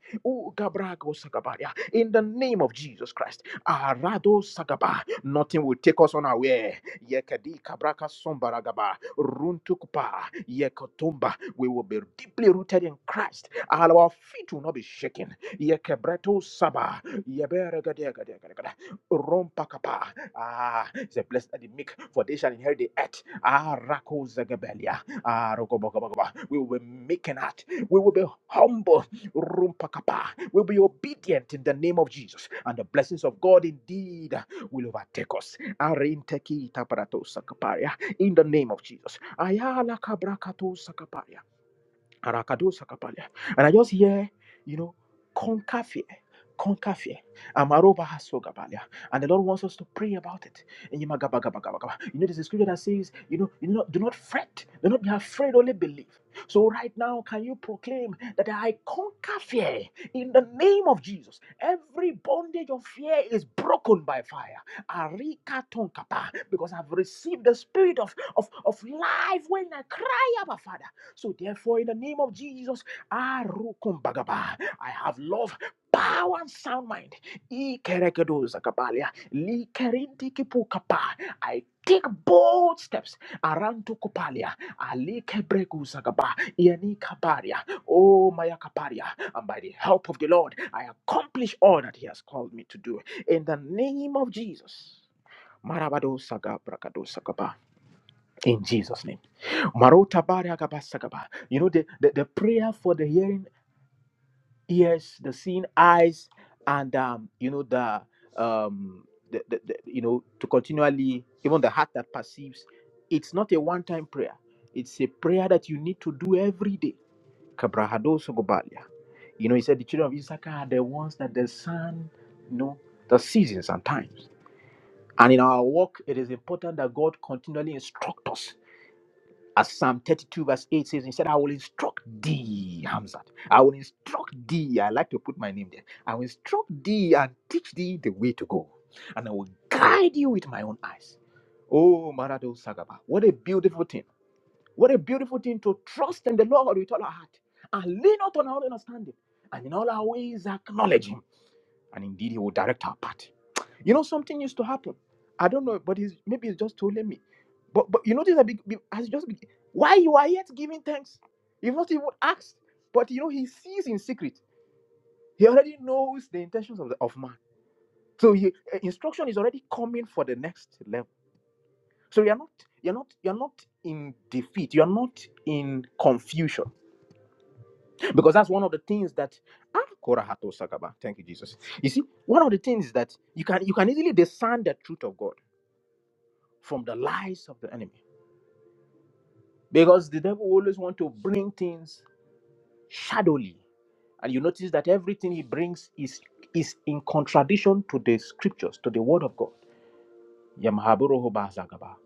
[SPEAKER 1] In the name of Jesus Christ. Nothing will take us unaware. We will be deeply rooted in Christ. Our feet will not be shaken. Ah, it's a blessed are the meek, for they shall inherit the earth. Ah, Rako Zagabelia. Ah, we will be making it. We will be humble. Rumpakapa. We'll be obedient in the name of Jesus. And the blessings of God indeed will overtake us. In the name of Jesus. Ayala kabrakato sakaparia. Arakado Sakapalia. And I just hear, you know, conquer fear. Conquer fear. Amaroba hasogabalia. And the Lord wants us to pray about it. And You magabagabagabagaba. You know, there's a scripture that says, you know, you know, do not fret, do not be afraid, only believe. So right now, can you proclaim that I conquer fear in the name of Jesus? Every bondage of fear is broken by fire. Arika tonkapa. Because I've received the spirit of, of, of life when I cry out, Father. So therefore, in the name of Jesus, Arukumbagaba, I have love, power, and sound mind. Ikerekedo zakabalia, likerindikipukapa. I take bold steps around to Kupalia, Ali Kebregu Zagaba, Iani Kaparia, Oh Maya Kaparia, and by the help of the Lord, I accomplish all that He has called me to do. In the name of Jesus. Marabado Saga Brakado Sagaba. In Jesus' name. Marota bara kabasakaba. You know, the, the, the prayer for the hearing ears, the seeing eyes, and um, you know, the um the, the, the you know to continually even the heart that perceives, it's not a one-time prayer. It's a prayer that you need to do every day. Kabrahado sogobalia. You know, he said the children of Issachar are the ones that the sun, you know, the seasons and times. And in our walk, it is important that God continually instruct us As Psalm 32, verse 8 says, He said, I will instruct thee, Hamzat. I will instruct thee. I like to put my name there. I will instruct thee and teach thee the way to go. And I will guide you with my own eyes. Oh, Marado Sagaba. What a beautiful thing. What a beautiful thing to trust in the Lord with all our heart and lean not on our own understanding. And in all our ways, acknowledge Him. And indeed, He will direct our path. You know, something used to happen. I don't know, but he's maybe he's just told me. But but you notice that be, be, has just be, why you are yet giving thanks. You've not even asked. But you know, he sees in secret. He already knows the intentions of the, of man. So he, eh, instruction is already coming for the next level. So you're not you're not you're not in defeat. You're not in confusion because that's one of the things that. Ah, Korahato Sakaba. Thank you, Jesus. You see, one of the things that you can you can easily discern the truth of God from the lies of the enemy. Because the devil always wants to bring things shadowly. And you notice that everything he brings is, is in contradiction to the scriptures, to the word of God. Yamahaburoho Bahazagaba.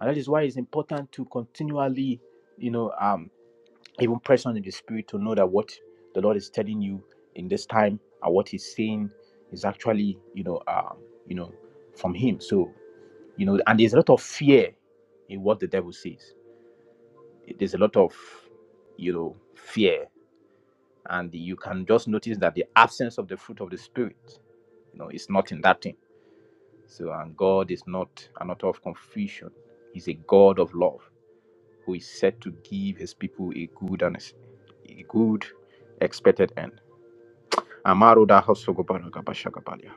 [SPEAKER 1] And that is why it's important to continually, you know, um, even press on in the spirit to know that what the Lord is telling you in this time and what he's saying is actually, you know, um, you know, from him. So, you know, and there's a lot of fear in what the devil says. there's a lot of you know fear and you can just notice that the absence of the fruit of the spirit you know is not in that thing so and god is not an author of confusion he's a god of love who is set to give his people a good and a good expected end Amaro da hosogobara gabashagabalia.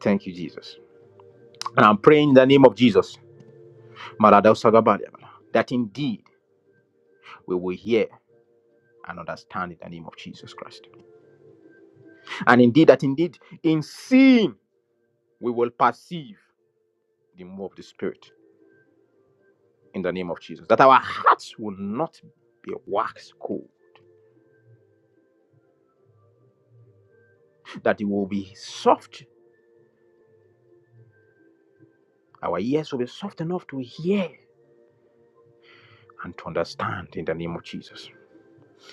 [SPEAKER 1] thank you jesus and i'm praying in the name of jesus Maradosagabalia, that indeed we will hear and understand in the name of jesus christ And indeed, that indeed in seeing we will perceive the move of the Spirit in the name of Jesus. That our hearts will not be wax cold, that it will be soft. Our ears will be soft enough to hear and to understand in the name of Jesus.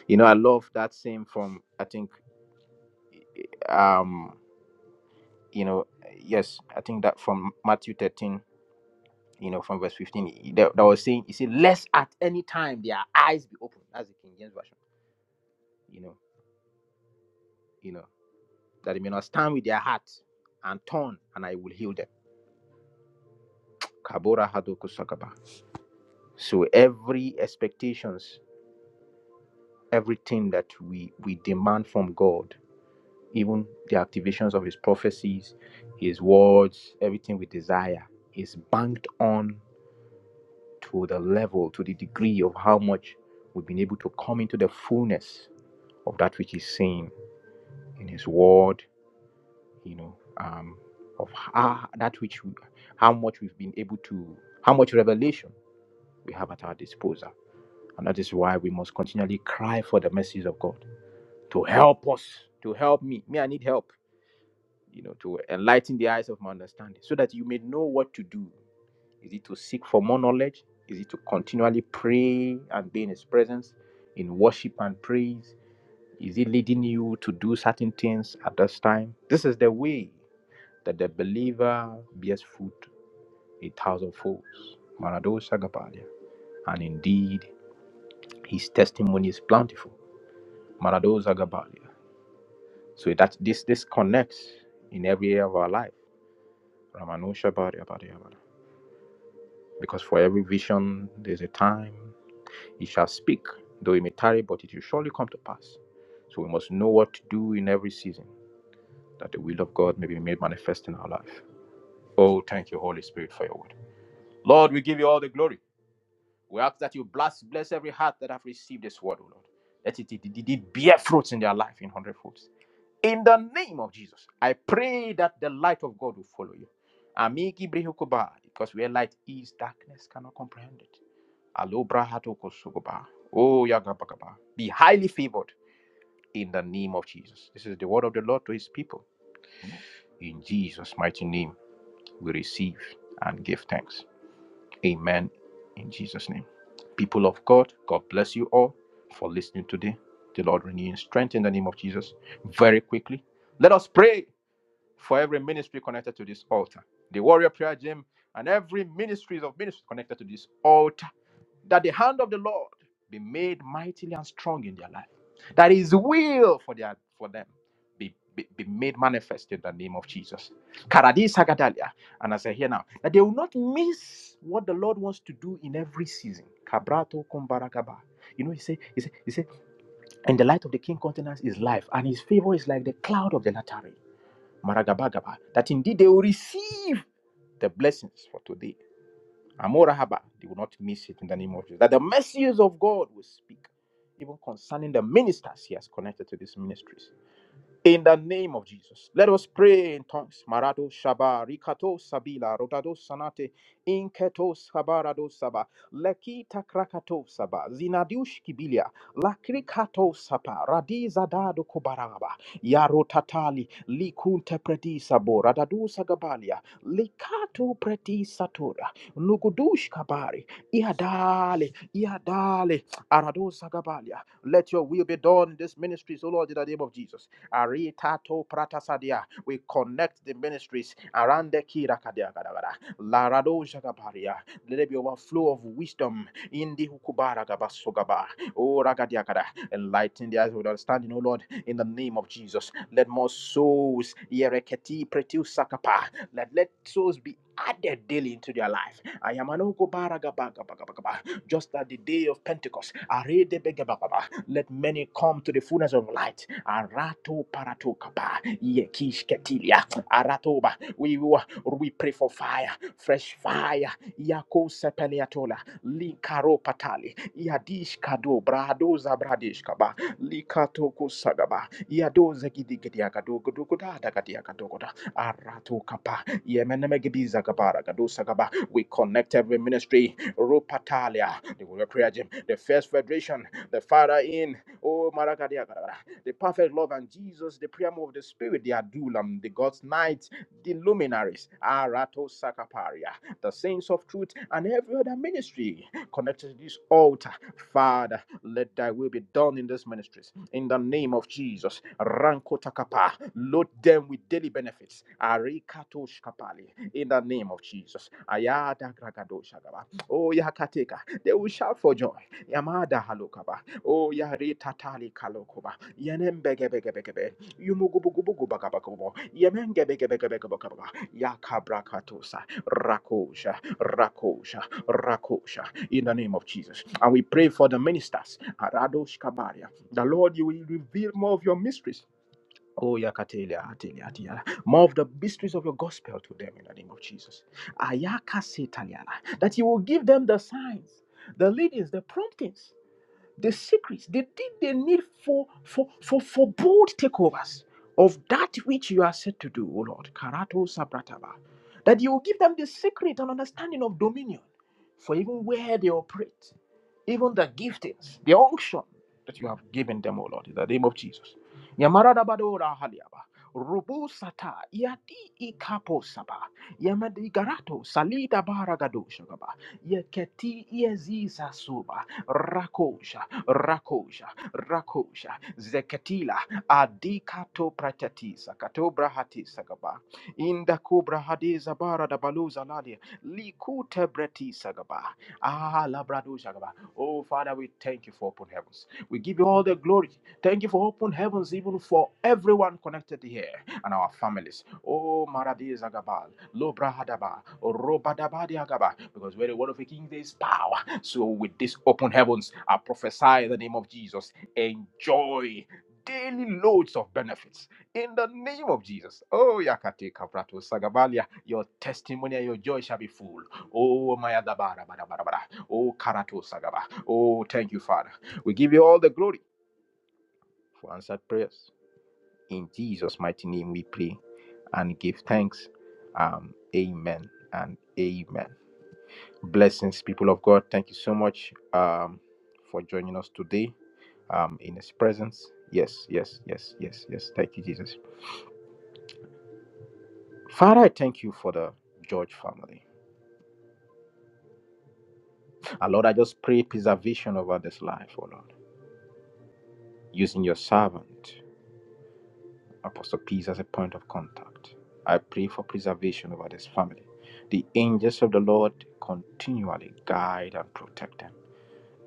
[SPEAKER 1] You know, I love that same from, I think, um, you know, yes, I think that from Matthew 13, you know, from verse 15, that, that was saying, you see, lest at any time their eyes be open. That's the King James Version, you know. you know that they may not stand with their heart and turn, and I will heal them. Kabora Hadoku Sakaba. So every expectations, everything that we, we demand from God, even the activations of his prophecies, his words, everything we desire is banked on to the level, to the degree of how much we've been able to come into the fullness of that which he's saying in his word you know, um, of how, that which we, how much we've been able to, how much revelation we have at our disposal. And that is why we must continually cry for the mercies of God to help us, to help me. Me, I need help, you know, to enlighten the eyes of my understanding so that you may know what to do. Is it to seek for more knowledge? Is it to continually pray and be in His presence in worship and praise? Is it leading you to do certain things at this time? This is the way that the believer bears fruit a thousand folds. Maradosa Gabalia. And indeed, his testimony is plentiful. Maradosa Gabalia. So that this this connects in every area of our life. Ramanosha Baria Baria Baria. Because for every vision there's a time it shall speak, though it may tarry, but it will surely come to pass. So we must know what to do in every season, that the will of God may be made manifest in our life. Oh, thank you, Holy Spirit, for your word. Lord, we give you all the glory. We ask that you bless, bless every heart that have received this word, O Lord. Let it indeed bear fruits in their life in hundredfold. In the name of Jesus, I pray that the light of God will follow you. Amigi brihukuba, because where light is, darkness cannot comprehend it. Alobra hatokosukuba. Oh, yagabagaba. Be highly favored in the name of Jesus. This is the word of the Lord to his people. In Jesus' mighty name, we receive and give thanks. Amen. In Jesus' name. People of God, God bless you all for listening today. The Lord renew your strength in the name of Jesus. Very quickly, let us pray for every ministry connected to this altar. The warrior prayer gym and every ministries of ministry connected to this altar. That the hand of the Lord be made mightily and strong in their life. That his will for their for them be, be, be made manifest in the name of Jesus. Karadi Sagadalia. And as I hear now, that they will not miss what the Lord wants to do in every season. Kabrato kumbarakaba. You know, he said, he said, he said, and the light of the king countenance is life, and his favor is like the cloud of the latter. Maragabagaba, that indeed they will receive the blessings for today. Amorahaba, they will not miss it in the name of Jesus. That the messages of God will speak, even concerning the ministers he has connected to these ministries. In the name of Jesus, let us pray in tongues. Marado shaba, rikato sabila, rotado sanate, inketo sabarado saba, lekita krakato saba, zinadiush kibilia, lakrikato sapa, radiza dado kobaraba, yarotatali, likunte preti sabo, radadu sagabalia, likato preti satura, nugudush kabari, iadale, iadale, arado sagabalia. Let your will be done in this ministry, so Lord, in the name of Jesus. Aritato Pratasadia. We connect the ministries around the Kira Kadia Gadagada. Larado Jagabaria. Let there be overflow of wisdom in the Hukubara Gabasogaba. Oh Ragadia Gada. Enlighten the eyes with understanding, O Lord, in the name of Jesus. Let more souls Yereketi Pretil Sakapa. Let let souls be added daily into their life. I am an Just at the day of Pentecost. Are let many come to the fullness of light. Arato paratokaba, yekish ketilia, aratoba. We will- we pray for fire, fresh fire. Yako sepeniatola, likaro patali, yadish kado brado zabradish kaba, likatoko sagaba, yado zegidigediagado godogoda dagadiagadogoda, arato kapa, yemenemegibiza gabara gado sagaba. We connect every ministry Ropatalia, the Warrior Prayer Gym, the First Federation, the Father in oh Marakadia, the perfect love and Jesus, the prayer move of the Spirit, the Adulam, the God's night, the luminaries, Arato Sakaparia, the saints of truth, and every other ministry connected to this altar. Father, let thy will be done in these ministries. In the name of Jesus, Ranko Takapa, load them with daily benefits. Arikatosh Kapali, in the name of Jesus. Ayada Gragadoshagaba, Oh Yakateka, they will shout for joy. Yamada Halokaba, Oh, yari tatali kalokuba. Yenem bege bege bege be. Yumugubugubugu bagabagubo. Yemen gebe gebe gebe gebe gebe. Yakabrakatosa. Rakosha. Rakosha. Rakosha. In the name of Jesus. And we pray for the ministers. Aradosh Kabaria. The Lord, you will reveal more of your mysteries. Oh, yakatelia, atelia, atelia. More of the mysteries of your gospel to them in the name of Jesus. Ayaka setaliana. That you will give them the signs, the leadings, the promptings the secrets. They did they need for for for for bold takeovers of that which you are set to do, O Lord. Karato Sabrataba. That you will give them the secret and understanding of dominion for even where they operate, even the giftings, the unction that you have given them, O Lord, in the name of Jesus. Yamaradabadora haliaba. Rubu sata yadi ikapo saba yamadigarato salida baragado shagaba yeketi yeziza suba rakosha rakosha rakosha Zekatila adikato pratatisa katobra hatisa gaba inda kubra hadiza bara da baluza lalia likute bretisa gaba ah labradosha gaba oh father we thank you for open heavens we give you all the glory thank you for open heavens even for everyone connected here and our families oh maradiza gabal lobra hadaba robadabadi agaba because where the word of a king there is power so, with these open heavens, I prophesy in the name of Jesus. Enjoy daily loads of benefits in the name of Jesus. Oh, Yakate Kaprato Sagavalia, your testimony and your joy shall be full. Oh, Maya Dabara, Bada, Bada, Bada. Oh, Karato Sagaba. Oh, thank you, Father. We give you all the glory for answered prayers. In Jesus' mighty name, we pray and give thanks. Um, amen and amen. Blessings, people of God. Thank you so much um, for joining us today um, in His presence. Yes, yes, yes, yes, yes. Thank you, Jesus. Father, I thank you for the George family. And Lord, I just pray preservation over this life, oh Lord, using your servant, Apostle Peace, as a point of contact. I pray for preservation over this family. The angels of the Lord continually guide and protect them.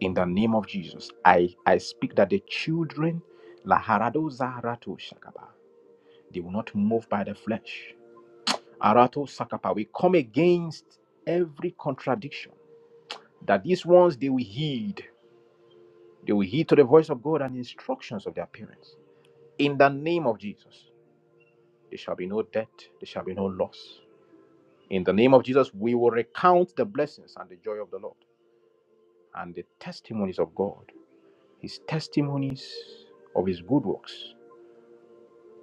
[SPEAKER 1] in the name of Jesus. I, I speak that the children, la harado zarato shakapa, they will not move by the flesh. Arato sakapa, we come against every contradiction that these ones they will heed. They will heed to the voice of God and instructions of their parents. In the name of Jesus, there shall be no death, there shall be no loss. In the name of Jesus, we will recount the blessings and the joy of the Lord and the testimonies of God, His testimonies of His good works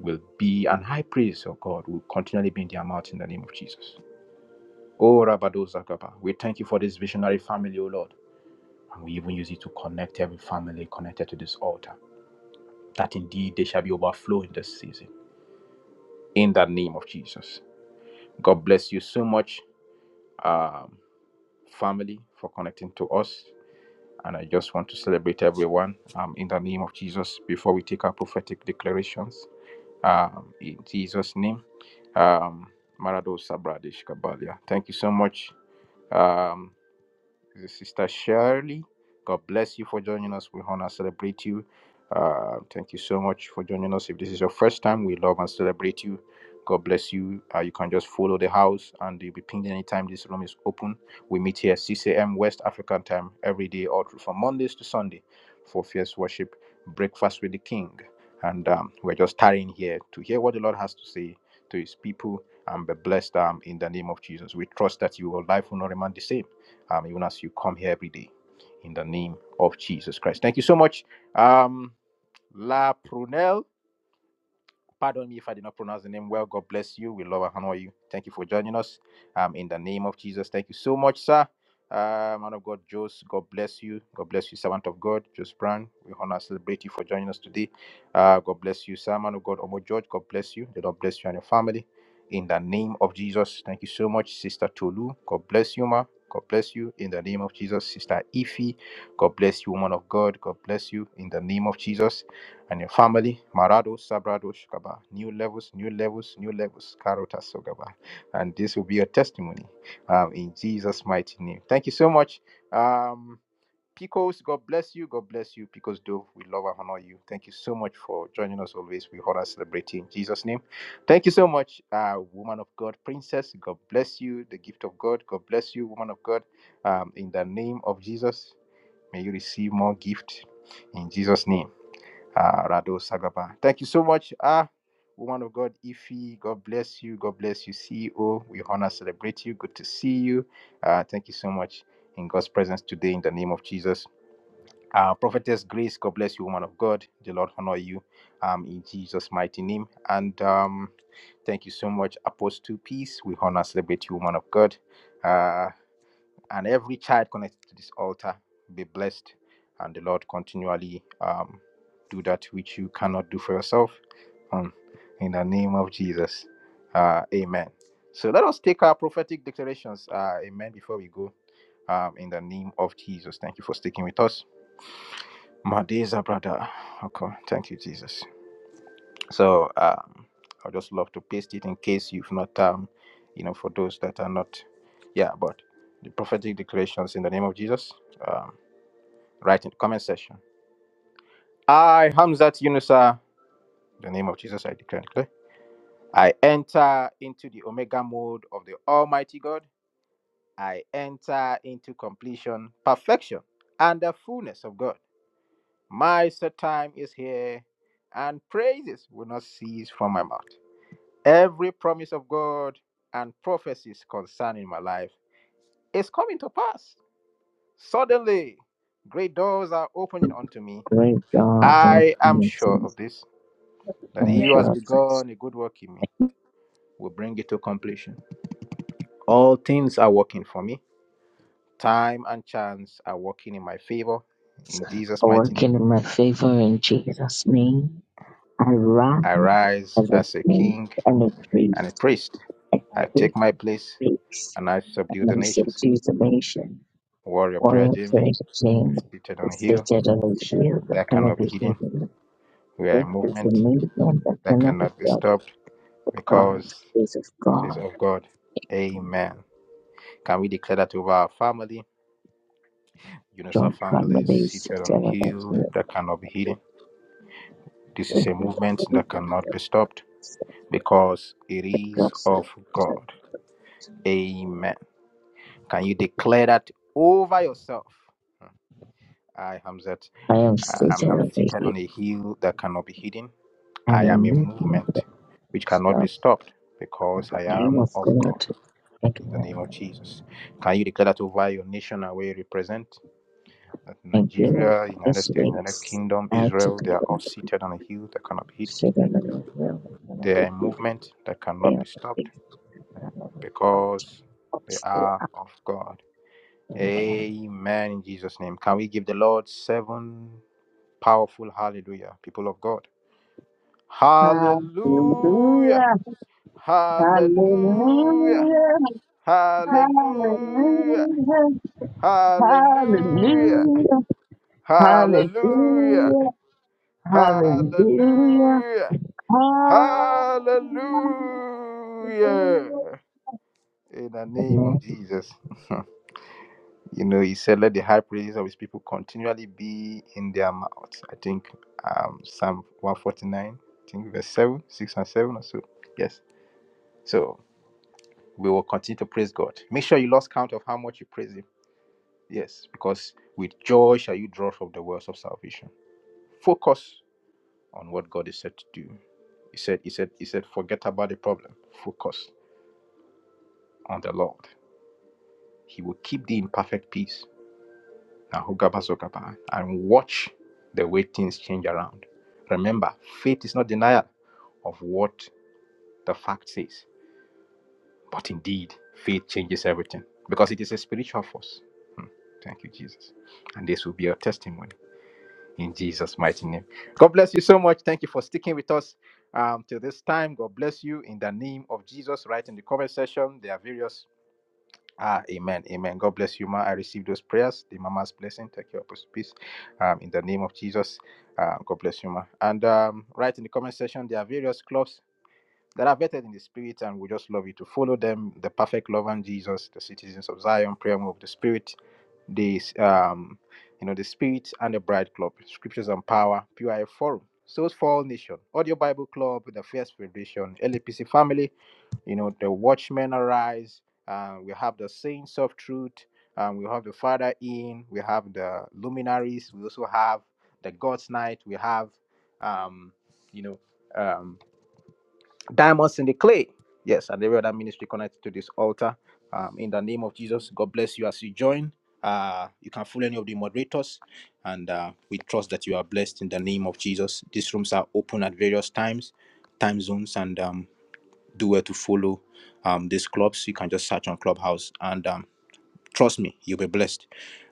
[SPEAKER 1] will be an high praise of God, will continually be in their mouth in the name of Jesus. Oh, Rabadozakapa, we thank you for this visionary family, O Lord. And we even use it to connect every family connected to this altar, that indeed they shall be overflowing this season. In the name of Jesus. God bless you so much, um, family, for connecting to us. And I just want to celebrate everyone um, in the name of Jesus before we take our prophetic declarations. Um, in Jesus' name. Um, Marado Sabradish Kabalia. Thank you so much. Um, the Sister Shirley. God bless you for joining us. We honor and celebrate you. Uh, thank you so much for joining us. If this is your first time, we love and celebrate you. God bless you. Uh, you can just follow the house and you'll be pinged anytime this room is open. We meet here at 6 a.m. West African time every day, all through from Mondays to Sunday for fierce worship, breakfast with the King. And um, we're just tarrying here to hear what the Lord has to say to his people and be blessed um, in the name of Jesus. We trust that your life will not remain the same um, even as you come here every day in the name of Jesus Christ. Thank you so much, um, La Prunelle. Pardon me if I did not pronounce the name well. God bless you. We love and honor you. Thank you for joining us. Um, in the name of Jesus, thank you so much, sir. Uh, man of God, Jos, God bless you. God bless you, servant of God, Jos Brown. We honor and celebrate you for joining us today. Uh, God bless you, sir. Man of God, Omo George, God bless you. The Lord bless you and your family. In the name of Jesus, thank you so much, Sister Tolu. God bless you, ma. God bless you. In the name of Jesus, Sister Ife. God bless you, woman of God. God bless you. In the name of Jesus and your family. Marado Sabrado Shukaba. New levels, new levels, new levels. Karota Sogaba. And this will be your testimony um, in Jesus' mighty name. Thank you so much. Um, Picos, God bless you. God bless you. Picos Dove, we love and honor you. Thank you so much for joining us always. We honor and celebrate you in Jesus' name. Thank you so much, uh, woman of God, princess. God bless you. The gift of God. God bless you, woman of God. Um, in the name of Jesus, may you receive more gift in Jesus' name. Ah, Rado Sagaba. Thank you so much. Ah, woman of God, Ifi, God bless you. God bless you, CEO. We honor, celebrate you. Good to see you. Uh, thank you so much in God's presence today in the name of Jesus. Uh, Prophetess Grace, God bless you, woman of God. The Lord honor you um, in Jesus' mighty name. And um, thank you so much, Apostle Peace. We honor, celebrate you, woman of God. Uh, and every child connected to this altar be blessed and the lord continually um, do that which you cannot do for yourself um, in the name of jesus uh, amen so let us take our prophetic declarations uh, amen before we go um, in the name of jesus thank you for sticking with us Madeza brother okay thank you jesus so um, i will just love to paste it in case you've not, um, you know, for those that are not, yeah, but the prophetic declarations in the name of Jesus, um, write in the comment section. I, Hamzat Yunusa, in the name of Jesus, I declare and declare. I enter into the Omega mode of the Almighty God. I enter into completion, perfection, and the fullness of God. My set time is here, and praises will not cease from my mouth. Every promise of God and prophecies concerning my life is coming to pass. Suddenly, great doors are opening unto me.
[SPEAKER 2] Great God of
[SPEAKER 1] I am sure
[SPEAKER 2] mercy
[SPEAKER 1] of this, that
[SPEAKER 2] and
[SPEAKER 1] he who has
[SPEAKER 2] justice,
[SPEAKER 1] begun a good work in me will bring it to completion. All things are working for me. Time and chance are working in my favor. In Jesus' mighty name,
[SPEAKER 2] working in my favor in Jesus' name. I rise
[SPEAKER 1] I rise
[SPEAKER 2] as a
[SPEAKER 1] as a
[SPEAKER 2] king
[SPEAKER 1] king
[SPEAKER 2] and a
[SPEAKER 1] and a
[SPEAKER 2] priest,
[SPEAKER 1] priest.
[SPEAKER 2] a
[SPEAKER 1] I take
[SPEAKER 2] great
[SPEAKER 1] my place
[SPEAKER 2] priest.
[SPEAKER 1] and I subdue the
[SPEAKER 2] and
[SPEAKER 1] nations.
[SPEAKER 2] city nation,
[SPEAKER 1] Warrior Prayer
[SPEAKER 2] warrior
[SPEAKER 1] Gym
[SPEAKER 2] prayer
[SPEAKER 1] is
[SPEAKER 2] team,
[SPEAKER 1] seated
[SPEAKER 2] the
[SPEAKER 1] on a hill
[SPEAKER 2] state of the hill. that
[SPEAKER 1] that
[SPEAKER 2] cannot
[SPEAKER 1] cannot be
[SPEAKER 2] be
[SPEAKER 1] hidden.
[SPEAKER 2] hidden.
[SPEAKER 1] We are a
[SPEAKER 2] This is a
[SPEAKER 1] movement
[SPEAKER 2] movement that
[SPEAKER 1] that
[SPEAKER 2] cannot be
[SPEAKER 1] cannot be
[SPEAKER 2] stopped.
[SPEAKER 1] stopped
[SPEAKER 2] God
[SPEAKER 1] because
[SPEAKER 2] is of
[SPEAKER 1] it is
[SPEAKER 2] God.
[SPEAKER 1] of God. Amen. Can we declare that over our family? Eunice, our
[SPEAKER 2] John
[SPEAKER 1] family is
[SPEAKER 2] family
[SPEAKER 1] seated on a hill
[SPEAKER 2] celebration.
[SPEAKER 1] that cannot be hidden. This is
[SPEAKER 2] This
[SPEAKER 1] a
[SPEAKER 2] is a
[SPEAKER 1] movement that
[SPEAKER 2] movement
[SPEAKER 1] cannot
[SPEAKER 2] that
[SPEAKER 1] be stopped
[SPEAKER 2] is
[SPEAKER 1] because it
[SPEAKER 2] the
[SPEAKER 1] is
[SPEAKER 2] gospel.
[SPEAKER 1] of God. Amen. Can you declare that over yourself? I, Hamzat,
[SPEAKER 2] I am
[SPEAKER 1] I- I'm,
[SPEAKER 2] seated
[SPEAKER 1] I'm
[SPEAKER 2] on the
[SPEAKER 1] seated
[SPEAKER 2] hill,
[SPEAKER 1] on a hill that cannot be hidden.
[SPEAKER 2] I'm
[SPEAKER 1] I
[SPEAKER 2] a
[SPEAKER 1] am a
[SPEAKER 2] movement
[SPEAKER 1] movement
[SPEAKER 2] that
[SPEAKER 1] which cannot be
[SPEAKER 2] stops
[SPEAKER 1] stopped because
[SPEAKER 2] because
[SPEAKER 1] I
[SPEAKER 2] I am
[SPEAKER 1] am
[SPEAKER 2] of
[SPEAKER 1] of God.
[SPEAKER 2] God. And
[SPEAKER 1] in the
[SPEAKER 2] when
[SPEAKER 1] name of Jesus. Can you declare that over your nation and where you represent? That
[SPEAKER 2] I feel
[SPEAKER 1] Nigeria, United
[SPEAKER 2] this
[SPEAKER 1] States, United
[SPEAKER 2] waves,
[SPEAKER 1] Kingdom,
[SPEAKER 2] I have to
[SPEAKER 1] Israel, they are
[SPEAKER 2] go.
[SPEAKER 1] all seated on a hill that cannot be hidden.
[SPEAKER 2] Second and the real one of
[SPEAKER 1] They are
[SPEAKER 2] the
[SPEAKER 1] in
[SPEAKER 2] beauty
[SPEAKER 1] movement that
[SPEAKER 2] and
[SPEAKER 1] cannot be
[SPEAKER 2] the
[SPEAKER 1] stopped
[SPEAKER 2] things that I love of
[SPEAKER 1] because they
[SPEAKER 2] folks they
[SPEAKER 1] are
[SPEAKER 2] are
[SPEAKER 1] of God.
[SPEAKER 2] aware.
[SPEAKER 1] Amen. In Jesus' name. Can we give the Lord seven powerful hallelujah, people of God? Hallelujah.
[SPEAKER 2] Hallelujah,
[SPEAKER 1] Hallelujah.
[SPEAKER 2] hallelujah,
[SPEAKER 1] Hallelujah.
[SPEAKER 2] hallelujah,
[SPEAKER 1] Hallelujah.
[SPEAKER 2] hallelujah,
[SPEAKER 1] Hallelujah.
[SPEAKER 2] hallelujah, hallelujah,
[SPEAKER 1] Hallelujah.
[SPEAKER 2] hallelujah.
[SPEAKER 1] Hallelujah. In the name of
[SPEAKER 2] Amen.
[SPEAKER 1] Jesus. you know, he said, Let the high praises of his people continually be in their mouths. I think um Psalm 149, I think verse 7, 6 and 7 or so. Yes. So we will continue to praise God. Make sure you lost count of how much you praise him. Yes, because with joy shall you draw from the wells of salvation. Focus on what God is said to do He said, He said, He said, forget about the problem. Focus on the Lord. He will keep thee in perfect peace. Now hugaba zogaba, And watch the way things change around. Remember, faith is not denial of what the fact says. But indeed, faith changes everything because it is a spiritual force. Hmm. Thank you, Jesus. And this will be your testimony in Jesus' mighty name. God bless you so much. Thank you for sticking with us um, till this time. God bless you in the name of Jesus. Write in the comment section. There are various Ah, amen, amen. God bless you, ma. I receive those prayers. The mama's blessing. Take your Apostle peace. Um, in the name of Jesus. Um, God bless you, ma. And um, right in the comment section, there are various clubs that are vetted in the spirit, and we just love you to follow them. The perfect love and Jesus, the citizens of Zion, prayer move, the spirit, the um, you know, the spirit and the bride club, scriptures and power, PIF forum. Souls for all nation, audio Bible club, the First Federation, LAPC family, you know the watchmen arise uh, we have the saints of truth um, we have the father in we have the luminaries we also have the god's night we have um, you know um, diamonds in the clay yes and every other ministry connected to this altar um, in the name of jesus god bless you as you join uh, you can follow any of the moderators and uh, we trust that you are blessed in the name of jesus these rooms are open at various times time zones and um, do well to follow um these clubs. You can just search on Clubhouse and um Trust me, you'll be blessed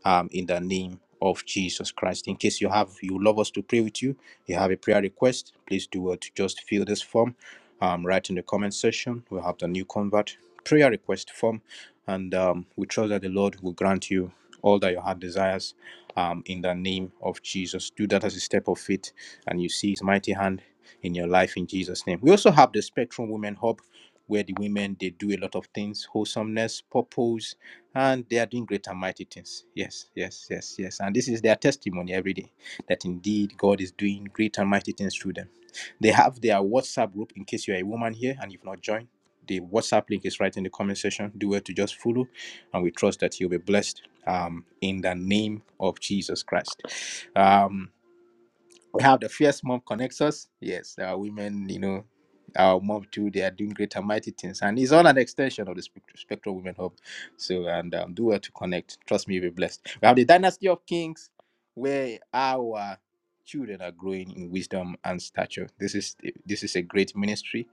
[SPEAKER 1] um, in the name of Jesus Christ. In case you have, you would love us to pray with you, you have a prayer request, please do well to just fill this form um, right in the comment section. We'll have the new convert prayer request form, and um, we trust that the Lord will grant you all that your heart desires um, in the name of Jesus. Do that as a step of faith, and you see His mighty hand in your life in Jesus' name. We also have the Spectrum Women Hub, where the women they do a lot of things: wholesomeness, purpose and they are doing great and mighty things. Yes, yes, yes, yes. And this is their testimony every day that indeed God is doing great and mighty things through them. They have their WhatsApp group in case you're a woman here and you've not joined. The WhatsApp link is right in the comment section. Do well to just follow, and we trust that you'll be blessed um, in the name of Jesus Christ. Um, we have the fierce mom connects us. Yes, there are women, you know, our mom too. They are doing great and mighty things, and it's all an extension of the Spect- Spectral Women Hub. So, and um, do well to connect. Trust me, you'll be blessed. We have the Dynasty of Kings, where our children are growing in wisdom and stature. This is this is a great ministry.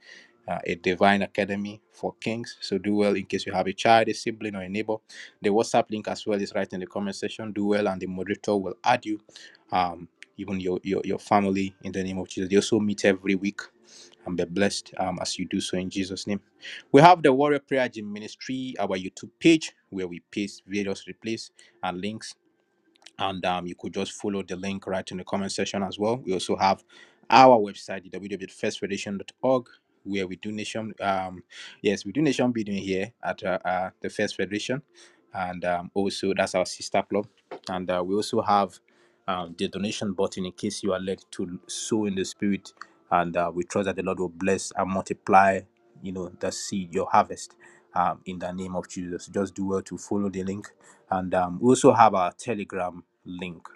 [SPEAKER 1] Uh, a divine academy for kings. So do well in case you have a child, a sibling, or a neighbor. The WhatsApp link as well is right in the comment section. Do well, and the moderator will add you. Um, even your, your your family in the name of jesus they also meet every week and be blessed um, as you do so in jesus name we have the warrior prayer gym ministry our youtube page where we paste various replays and links and um, you could just follow the link right in the comment section as well. We also have our website, www.firstfederation.org, where we do nation. Um, yes, we do nation building here at uh, uh, the First Federation, and um, also that's our sister club. And uh, we also have um, the donation button in case you are led to sow in the spirit, and uh, we trust that the Lord will bless and multiply. You know the seed, your harvest, um, in the name of Jesus. Just do well to follow the link, and um, we also have our Telegram link.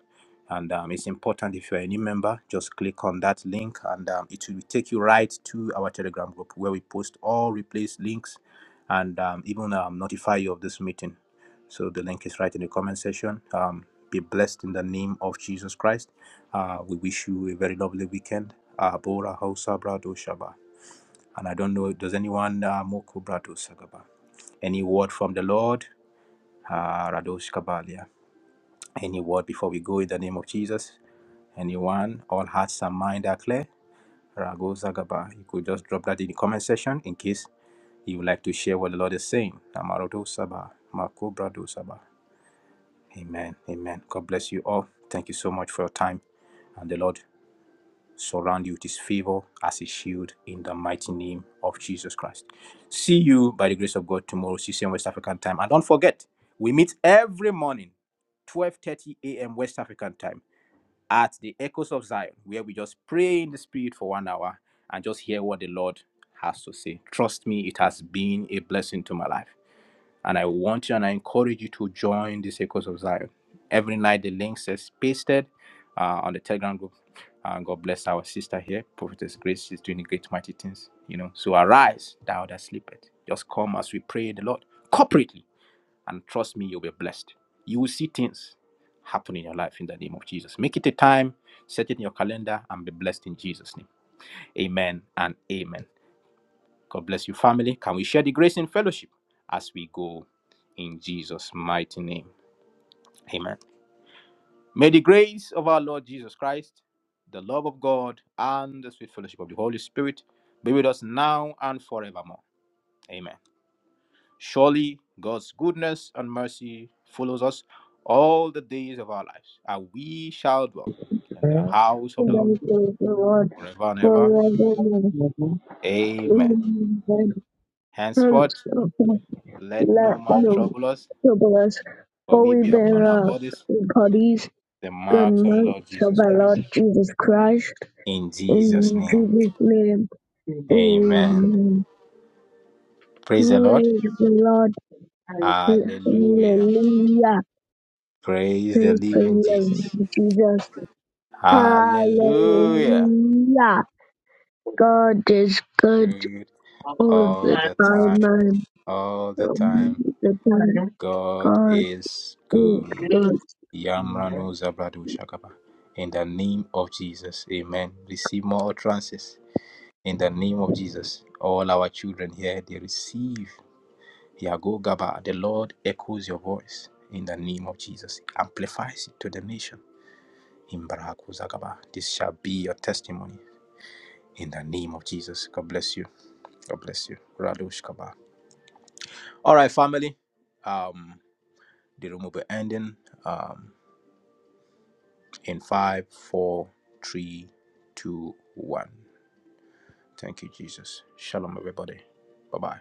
[SPEAKER 1] And um, it's important if you're a new member, just click on that link and um, it will take you right to our Telegram group where we post all replace links and um, even um, notify you of this meeting. So the link is right in the comment section. Um, be blessed in the name of Jesus Christ. Uh, we wish you a very lovely weekend. Uh, Bora Hausa Brado Shaba. And I don't know, does anyone uh, Moko Brado Sagaba? Any word from the Lord? Uh, Radosh Kabalia. Any word before we go in the name of Jesus? Anyone? All hearts and mind are clear? Ragoza Gaba. You could just drop that in the comment section in case you would like to share what the Lord is saying. Amarodo Saba. Makobrado Saba. Amen. Amen. God bless you all. Thank you so much for your time. And the Lord surround you with his favor as a shield in the mighty name of Jesus Christ. See you by the grace of God tomorrow, 6 a.m. West African time. And don't forget, we meet every morning, 12:30 a.m. West African time at the Echoes of Zion, where we just pray in the Spirit for one hour and just hear what the Lord has to say. Trust me, it has been a blessing to my life. And I want you and I encourage you to join the Echoes of Zion. Every night, the link says pasted uh, on the Telegram group. And God bless our sister here, Prophetess Grace. She's doing great, mighty things, you know. So arise, thou that sleepeth. Just come as we pray the Lord corporately and trust me, you'll be blessed. You will see things happen in your life in the name of Jesus. Make it a time, set it in your calendar, and be blessed in Jesus' name. Amen and amen. God bless you, family. Can we share the grace in fellowship as we go in Jesus' mighty name? Amen. May the grace of our Lord Jesus Christ, the love of God, and the sweet fellowship of the Holy Spirit be with us now and forevermore. Amen. Surely God's goodness and mercy follows us all the days of our lives, and we shall dwell in the
[SPEAKER 2] Well,
[SPEAKER 1] house of the Lord
[SPEAKER 2] thank you, Lord,
[SPEAKER 1] forever and ever.
[SPEAKER 2] forevermore.
[SPEAKER 1] Amen.
[SPEAKER 2] Amen.
[SPEAKER 1] Henceforth, let no
[SPEAKER 2] Let
[SPEAKER 1] man
[SPEAKER 2] your
[SPEAKER 1] trouble us,
[SPEAKER 2] Publius,
[SPEAKER 1] for we
[SPEAKER 2] Holy
[SPEAKER 1] bear upon our
[SPEAKER 2] Banner of
[SPEAKER 1] bodies
[SPEAKER 2] the Parties,
[SPEAKER 1] the
[SPEAKER 2] Good
[SPEAKER 1] marks of the Lord
[SPEAKER 2] Monks of
[SPEAKER 1] Jesus
[SPEAKER 2] our
[SPEAKER 1] Christ.
[SPEAKER 2] Lord Jesus Christ,
[SPEAKER 1] In Jesus'
[SPEAKER 2] in
[SPEAKER 1] name,
[SPEAKER 2] Jesus' name,
[SPEAKER 1] amen.
[SPEAKER 2] Amen.
[SPEAKER 1] Praise the Lord.
[SPEAKER 2] Praise the Lord,
[SPEAKER 1] Hallelujah.
[SPEAKER 2] Hallelujah.
[SPEAKER 1] Praise the
[SPEAKER 2] Praise the
[SPEAKER 1] living Jesus.
[SPEAKER 2] Lord Jesus,
[SPEAKER 1] Hallelujah.
[SPEAKER 2] Hallelujah. God is good
[SPEAKER 1] Good
[SPEAKER 2] all
[SPEAKER 1] all
[SPEAKER 2] the
[SPEAKER 1] the time,
[SPEAKER 2] time,
[SPEAKER 1] all the
[SPEAKER 2] all
[SPEAKER 1] time.
[SPEAKER 2] the time.
[SPEAKER 1] God
[SPEAKER 2] God
[SPEAKER 1] is
[SPEAKER 2] is
[SPEAKER 1] good.
[SPEAKER 2] good.
[SPEAKER 1] Yamrano Zabrado Shakaba. In the name of Jesus. Amen. Receive more utterances. In the name of Jesus. All our children here, they receive. Yago Gaba. The Lord echoes your voice. In the name of Jesus. Amplifies it to the nation. Imbarako Zagaba. This shall be your testimony. In the name of Jesus. God bless you. God bless you. Radosh Kaba. All right, family. Um, the room will be ending. Um, in five, four, three, two, one. Thank you, Jesus. Shalom, everybody. Bye bye.